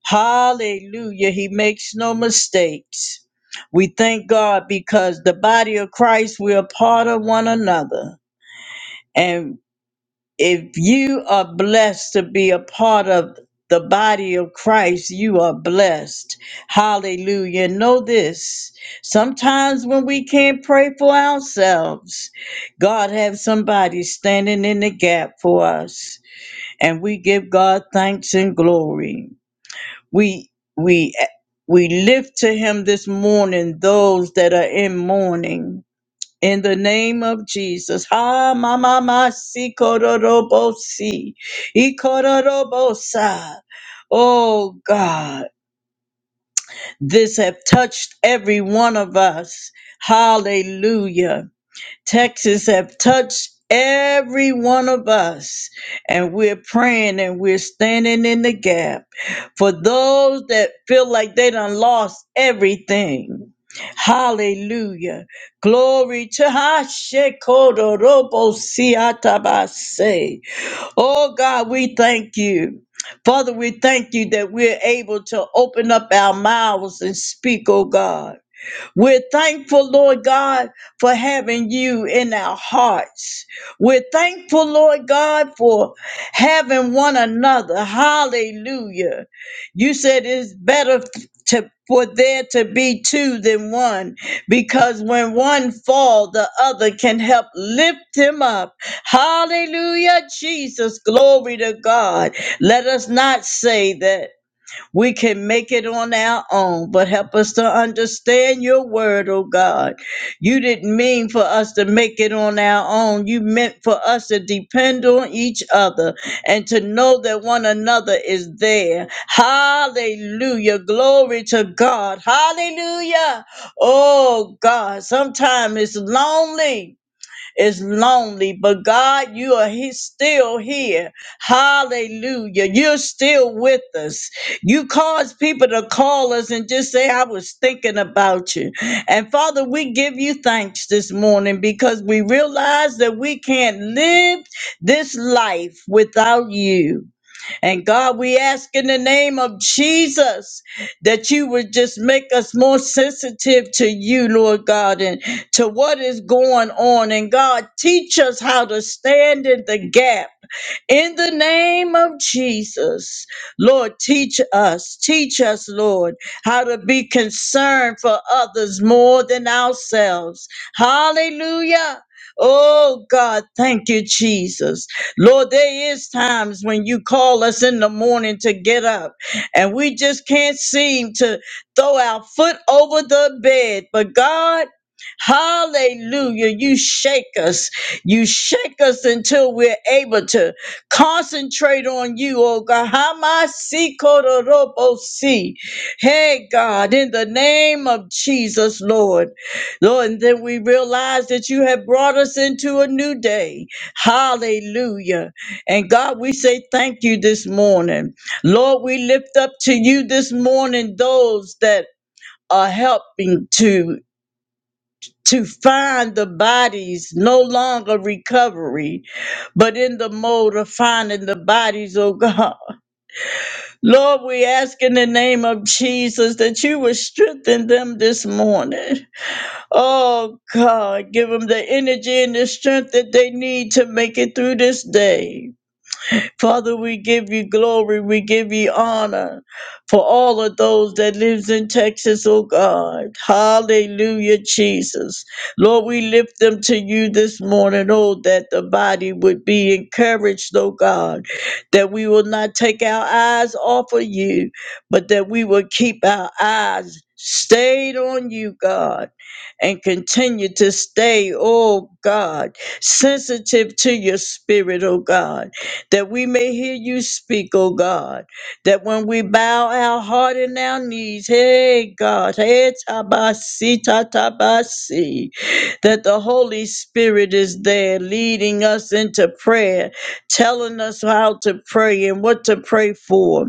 Speaker 7: Hallelujah. He makes no mistakes. We thank God because the body of Christ, we are part of one another. and. If you are blessed to be a part of the body of Christ, you are blessed. Hallelujah. Know this. Sometimes when we can't pray for ourselves, God has somebody standing in the gap for us, and we give God thanks and glory. We we we lift to him this morning those that are in mourning in the name of Jesus. Ha mama masi kororobosi. Ikororobosa. Oh God, this have touched every one of us. Hallelujah. Texas have touched every one of us, and we're praying and we're standing in the gap for those that feel like they done lost everything. Hallelujah. Glory to Hashekodorobo Oh God, we thank you. Father, we thank you that we're able to open up our mouths and speak, oh God. We're thankful, Lord God, for having you in our hearts. We're thankful, Lord God, for having one another. Hallelujah. You said it's better to for there to be two than one because when one fall the other can help lift him up hallelujah jesus glory to god let us not say that we can make it on our own, but help us to understand your word, oh God. You didn't mean for us to make it on our own. You meant for us to depend on each other and to know that one another is there. Hallelujah. Glory to God. Hallelujah. Oh God, sometimes it's lonely it's lonely, but God, you are He's still here. Hallelujah. You're still with us. You cause people to call us and just say, I was thinking about you. And Father, we give you thanks this morning because we realize that we can't live this life without you. And God, we ask in the name of Jesus that you would just make us more sensitive to you, Lord God, and to what is going on. And God, teach us how to stand in the gap. In the name of Jesus, Lord, teach us, teach us, Lord, how to be concerned for others more than ourselves. Hallelujah. Oh God, thank you, Jesus. Lord, there is times when you call us in the morning to get up and we just can't seem to throw our foot over the bed. But God, hallelujah, you shake us. You shake us until we're able to concentrate on you, oh God. Hamasikorodorobosi. Hey, God, in the name of Jesus, Lord. Lord, and then we realize that you have brought us into a new day. Hallelujah. And God, we say thank you this morning. Lord, we lift up to you this morning those that are helping to to find the bodies no longer recovery, but in the mode of finding the bodies, oh God. Lord, we ask in the name of Jesus that you would strengthen them this morning. Oh God, give them the energy and the strength that they need to make it through this day. Father, we give you glory, we give you honor for all of those that lives in Texas, oh God. Hallelujah, Jesus. Lord, we lift them to you this morning, oh, that the body would be encouraged, oh God, that we will not take our eyes off of you, but that we will keep our eyes stayed on you, God, and continue to stay, oh God, sensitive to your spirit, oh God that we may hear you speak, O God. That when we bow our heart and our knees, hey God, hey tabasi tatabasi, that the Holy Spirit is there leading us into prayer, telling us how to pray and what to pray for.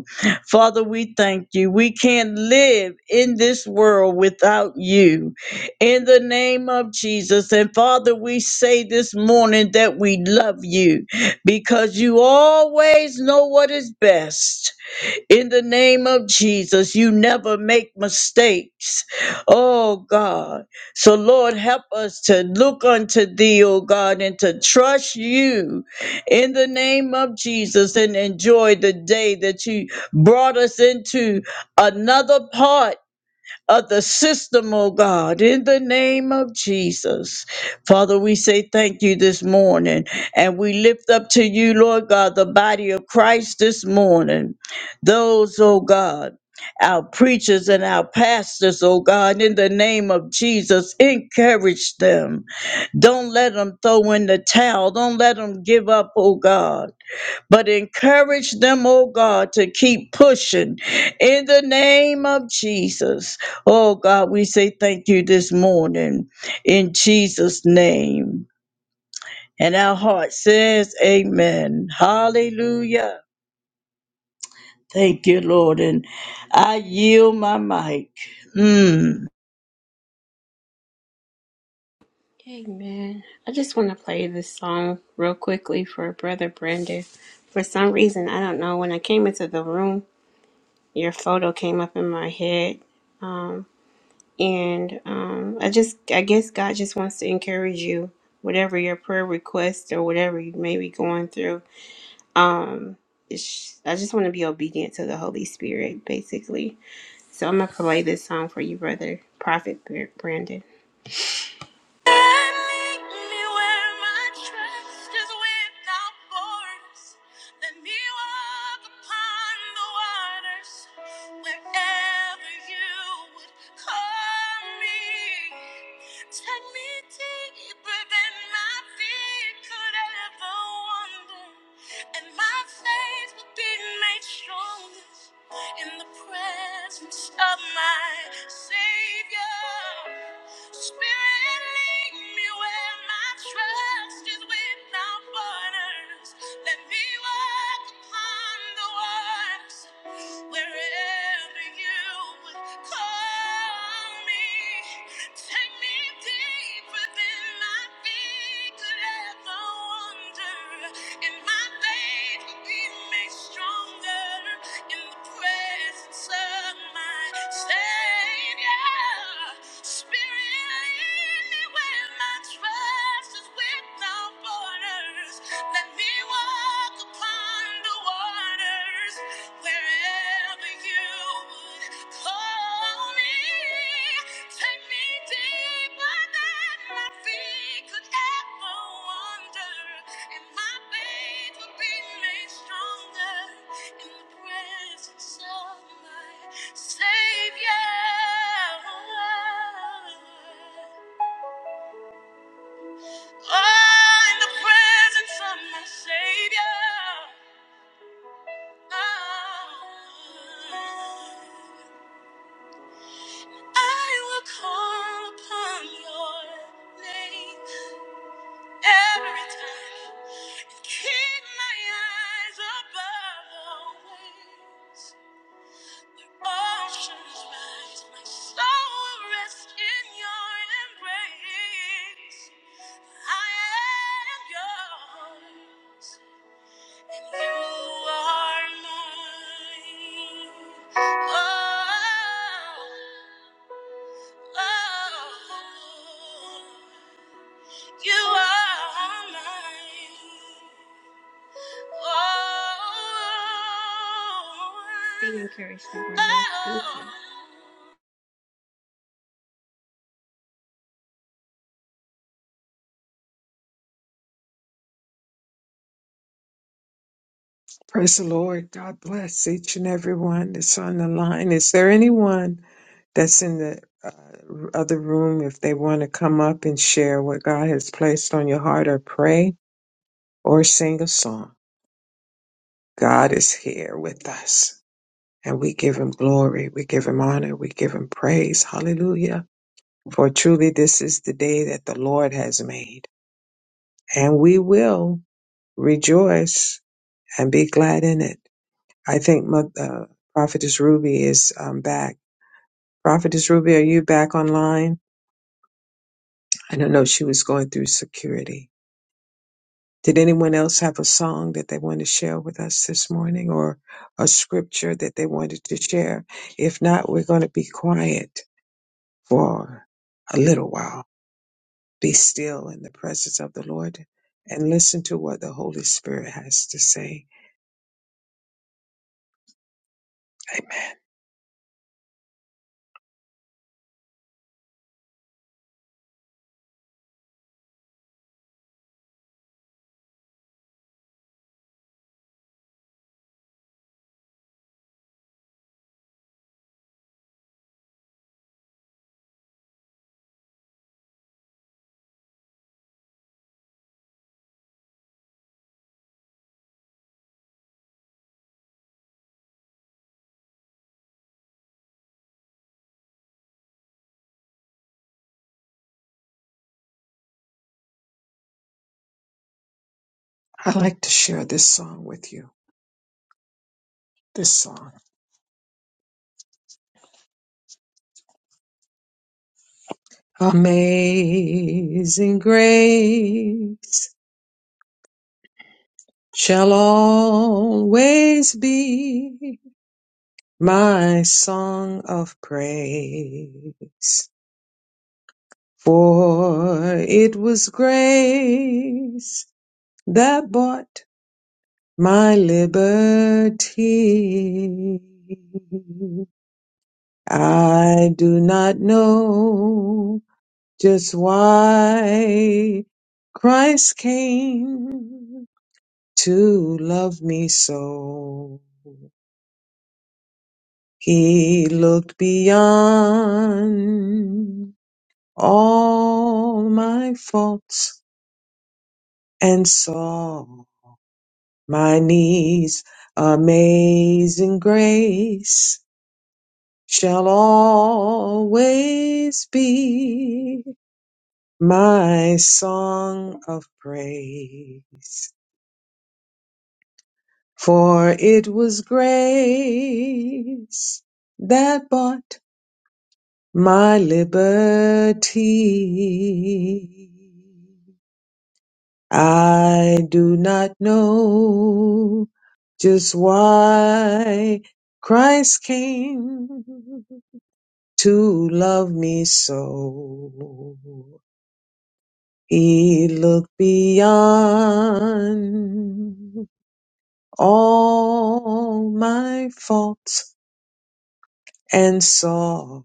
Speaker 7: Father, we thank you. We can't live in this world without you. In the name of Jesus. And Father, we say this morning that we love you because you always know what is best. In the name of Jesus, you never make mistakes. Oh God. So Lord, help us to look unto thee, oh God, and to trust you in the name of Jesus and enjoy the day that you brought us into another part of the system, oh God, in the name of Jesus. Father, we say thank you this morning and we lift up to you, Lord God, the body of Christ this morning. Those, oh God, our preachers and our pastors, oh God, in the name of Jesus, encourage them. Don't let them throw in the towel. Don't let them give up, oh God but encourage them, oh God, to keep pushing in the name of Jesus. Oh God, we say thank you this morning in Jesus' name. And our heart says, Amen. Hallelujah. Thank you, Lord. And I yield my mic. Mm.
Speaker 4: Amen. I just want to play this song real quickly for Brother Brandon. For some reason, I don't know, when I came into the room, your photo came up in my head. Um, and um, I just, I guess God just wants to encourage you, whatever your prayer request or whatever you may be going through. Um, it's, I just want to be obedient to the Holy Spirit, basically. So I'm going to play this song for you, brother, Prophet Brandon. And Lead me me me. where my trust is without borders. Let me walk upon the waters wherever You would call me. Take me deeper than my feet could ever wander, and my faith will be made stronger in the presence of my Savior. Spirit, lead me where my trust is without borders. Let me walk upon the waters wherever you would call me. Take me deeper than my feet could ever wander, and my faith will be made stronger in the presence of my Savior. Spirit, lead me where my trust is without borders. Let me walk upon the waters. Wherever you would call me, take me deeper than my feet could ever wander, and my faith will be made stronger in the presence of my Savior. Oh, in the presence of my Savior. Oh. I will call upon your name every time. Keep my eyes above the waves. Oceans rise, my soul will rest in your embrace. I am yours, and you are mine. Oh. Oh, you are mine. Oh, They encourage the word. Thank oh.
Speaker 3: Praise the Lord. God bless each and every one that's on the line. Is there anyone? that's in the uh, other room if they want to come up and share what God has placed on your heart or pray or sing a song. God is here with us and we give him glory. We give him honor. We give him praise. Hallelujah. For truly this is the day that the Lord has made and we will rejoice and be glad in it. I think Mo- uh, Prophetess Ruby is um, back. Prophetess Ruby, are you back online? I don't know. She was going through security. Did anyone else have a song that they want to share with us this morning or a scripture that they wanted to share? If not, we're going to be quiet for a little while. Be still in the presence of the Lord and listen to what the Holy Spirit has to say. Amen. I'd like to share this song with you. This song. Amazing grace shall always be my song of praise. For it was grace that bought my liberty. I do not know just why Christ came to love me so. He looked beyond all my faults and saw my knees. Amazing grace shall always be my song of praise. For it was grace that bought my liberty. I do not know just why Christ came to love me so. He looked beyond all my faults and saw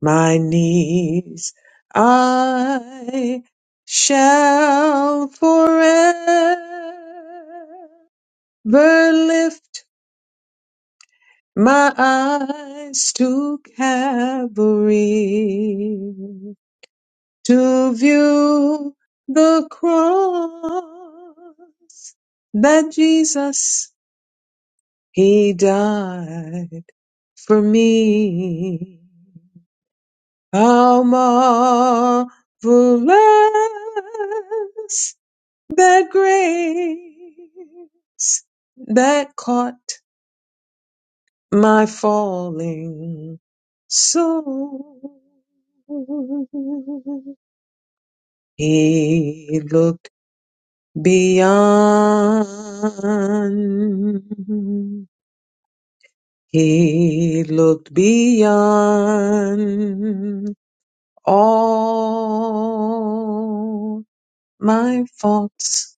Speaker 3: my needs. I shall forever Never lift my eyes to Calvary to view the cross that Jesus he died for me. How marvelous that grace that caught my falling soul. He looked beyond. He looked beyond all my faults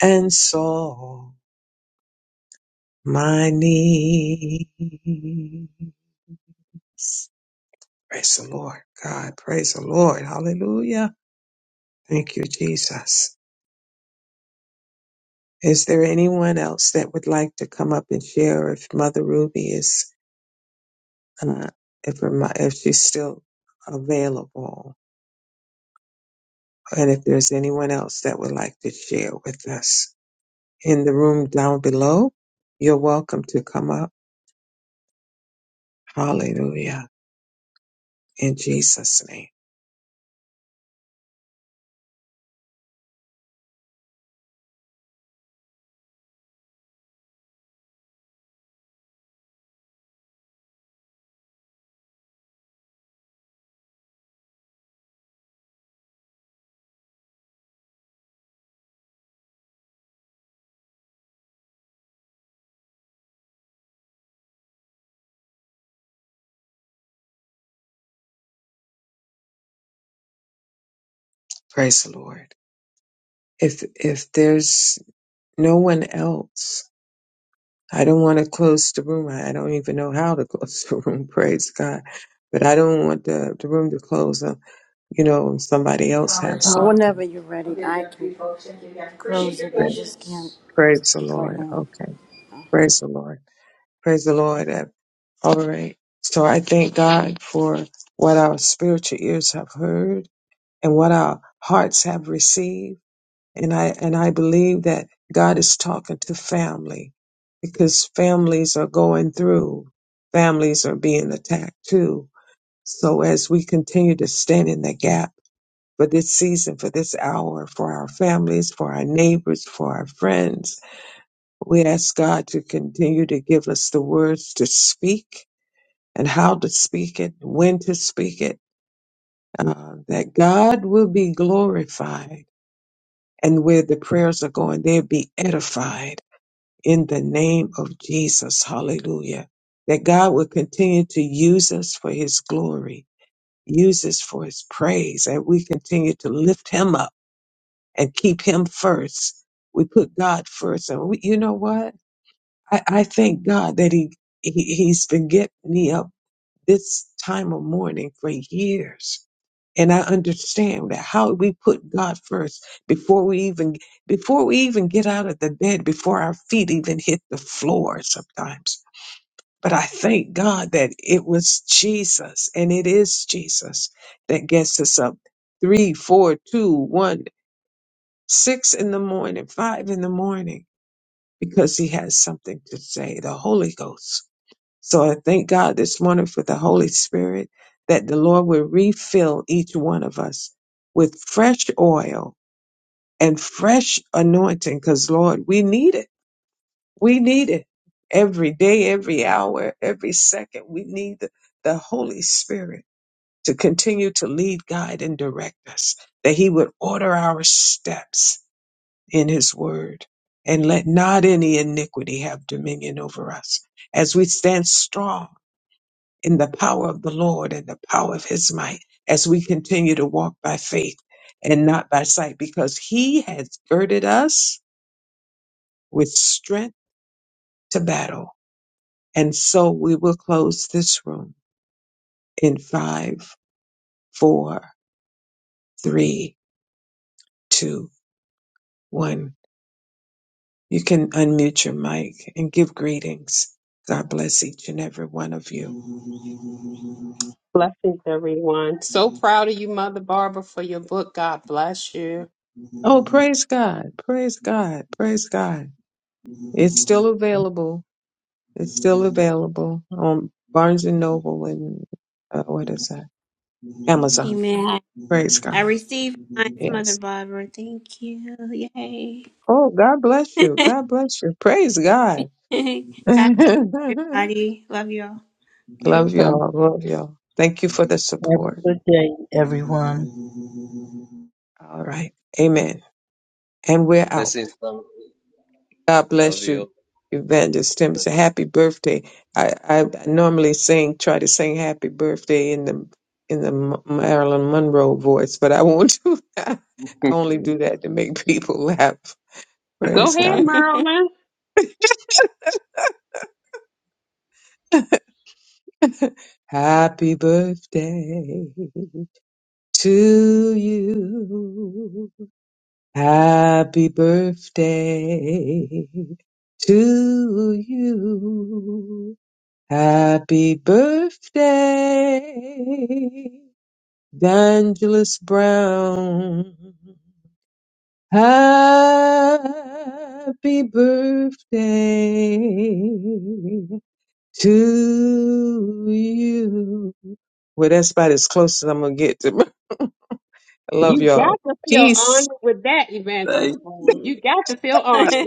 Speaker 3: and saw my needs. Praise the Lord, God. Praise the Lord. Hallelujah. Thank you, Jesus. Is there anyone else that would like to come up and share if Mother Ruby is, uh, if, her, mo- if she's still available? And if there's anyone else that would like to share with us in the room down below, you're welcome to come up. Hallelujah. In Jesus' name. Praise the Lord. If, if there's no one else, I don't want to close the room. I I don't even know how to close the room. Praise God. But I don't want the, the room to close, uh, you know, and somebody else have
Speaker 1: Already,
Speaker 3: something.
Speaker 1: I can close it. I
Speaker 3: Right.
Speaker 1: just can't.
Speaker 3: Praise the Lord. Okay. Praise the Lord. Praise the Lord. Uh, All right. So I thank God for what our spiritual ears have heard and what our hearts have received and I and I believe that God is talking to family because families are going through, families are being attacked too. So as we continue to stand in the gap for this season, for this hour, for our families, for our neighbors, for our friends, we ask God to continue to give us the words to speak and how to speak it, when to speak it, uh, that God will be glorified. And where the prayers are going, they'll be edified in the name of Jesus. Hallelujah. That God will continue to use us for his glory, use us for his praise, and we continue to lift him up and keep him first. We put God first. And we, you know what? I, I thank God that he, he, he's been getting me up this time of mourning for years. And I understand that how we put God first before we even before we even get out of the bed, before our feet even hit the floor sometimes. But I thank God that it was Jesus and it is Jesus that gets us up three, four, two, one, six in the morning, five in the morning, because he has something to say, the Holy Ghost. So I thank God this morning for the Holy Spirit that the Lord will refill each one of us with fresh oil and fresh anointing because, Lord, we need it. We need it every day, every hour, every second. We need the, the Holy Spirit to continue to lead, guide, and direct us, that He would order our steps in His word. And let not any iniquity have dominion over us as we stand strong in the power of the Lord and the power of his might as we continue to walk by faith and not by sight because he has girded us with strength to battle. And so we will close this room in five, four, three, two, one. You can unmute your mic and give greetings. God bless each and every one of you.
Speaker 5: Blessings, everyone. So proud of you, Mother Barbara, for your book. God bless you.
Speaker 3: Oh, praise God. Praise God. Praise God. It's still available It's still available on Barnes and Noble and uh, what is that?
Speaker 4: you.
Speaker 3: Amazon.
Speaker 4: Amen.
Speaker 3: Praise
Speaker 4: I
Speaker 3: God.
Speaker 4: received mine, Mother
Speaker 3: Yes.
Speaker 4: Barbara. Thank you. Yay.
Speaker 3: Oh, God bless you. God bless you. Praise God.
Speaker 4: God bless
Speaker 3: love
Speaker 4: everybody. Love you all.
Speaker 7: Have
Speaker 3: y'all. Love y'all. Thank you for the support.
Speaker 7: a good day, everyone.
Speaker 3: All right. Amen. And we're out.
Speaker 6: Blessings.
Speaker 3: God
Speaker 6: Love
Speaker 3: bless
Speaker 6: you.
Speaker 3: you, Evangelist Tim. It's a Happy birthday. I, I normally sing, try to sing happy birthday in the in the M- Marilyn Monroe voice, but I won't do that. I only do that to make people laugh.
Speaker 5: Go
Speaker 3: Praise
Speaker 5: ahead,
Speaker 3: God.
Speaker 5: Merlin.
Speaker 3: Happy birthday to you. Happy birthday to you. Happy birthday, D'Angeles Brown. Happy birthday to you. Well, that's about as close as I'm going to get to. I love
Speaker 5: You got
Speaker 3: y'all.
Speaker 5: to feel
Speaker 3: Peace.
Speaker 5: honored with that, Evangelist
Speaker 6: Thank
Speaker 5: Paul.
Speaker 6: you.
Speaker 5: You got to feel honored.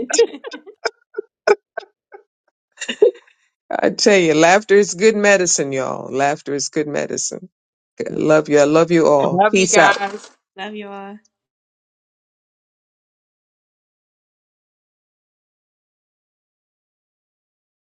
Speaker 3: I tell you, laughter is good medicine, y'all. Laughter is good medicine. I love you. I love you all.
Speaker 5: Love you
Speaker 3: Peace out.
Speaker 5: guys.
Speaker 4: Love you all.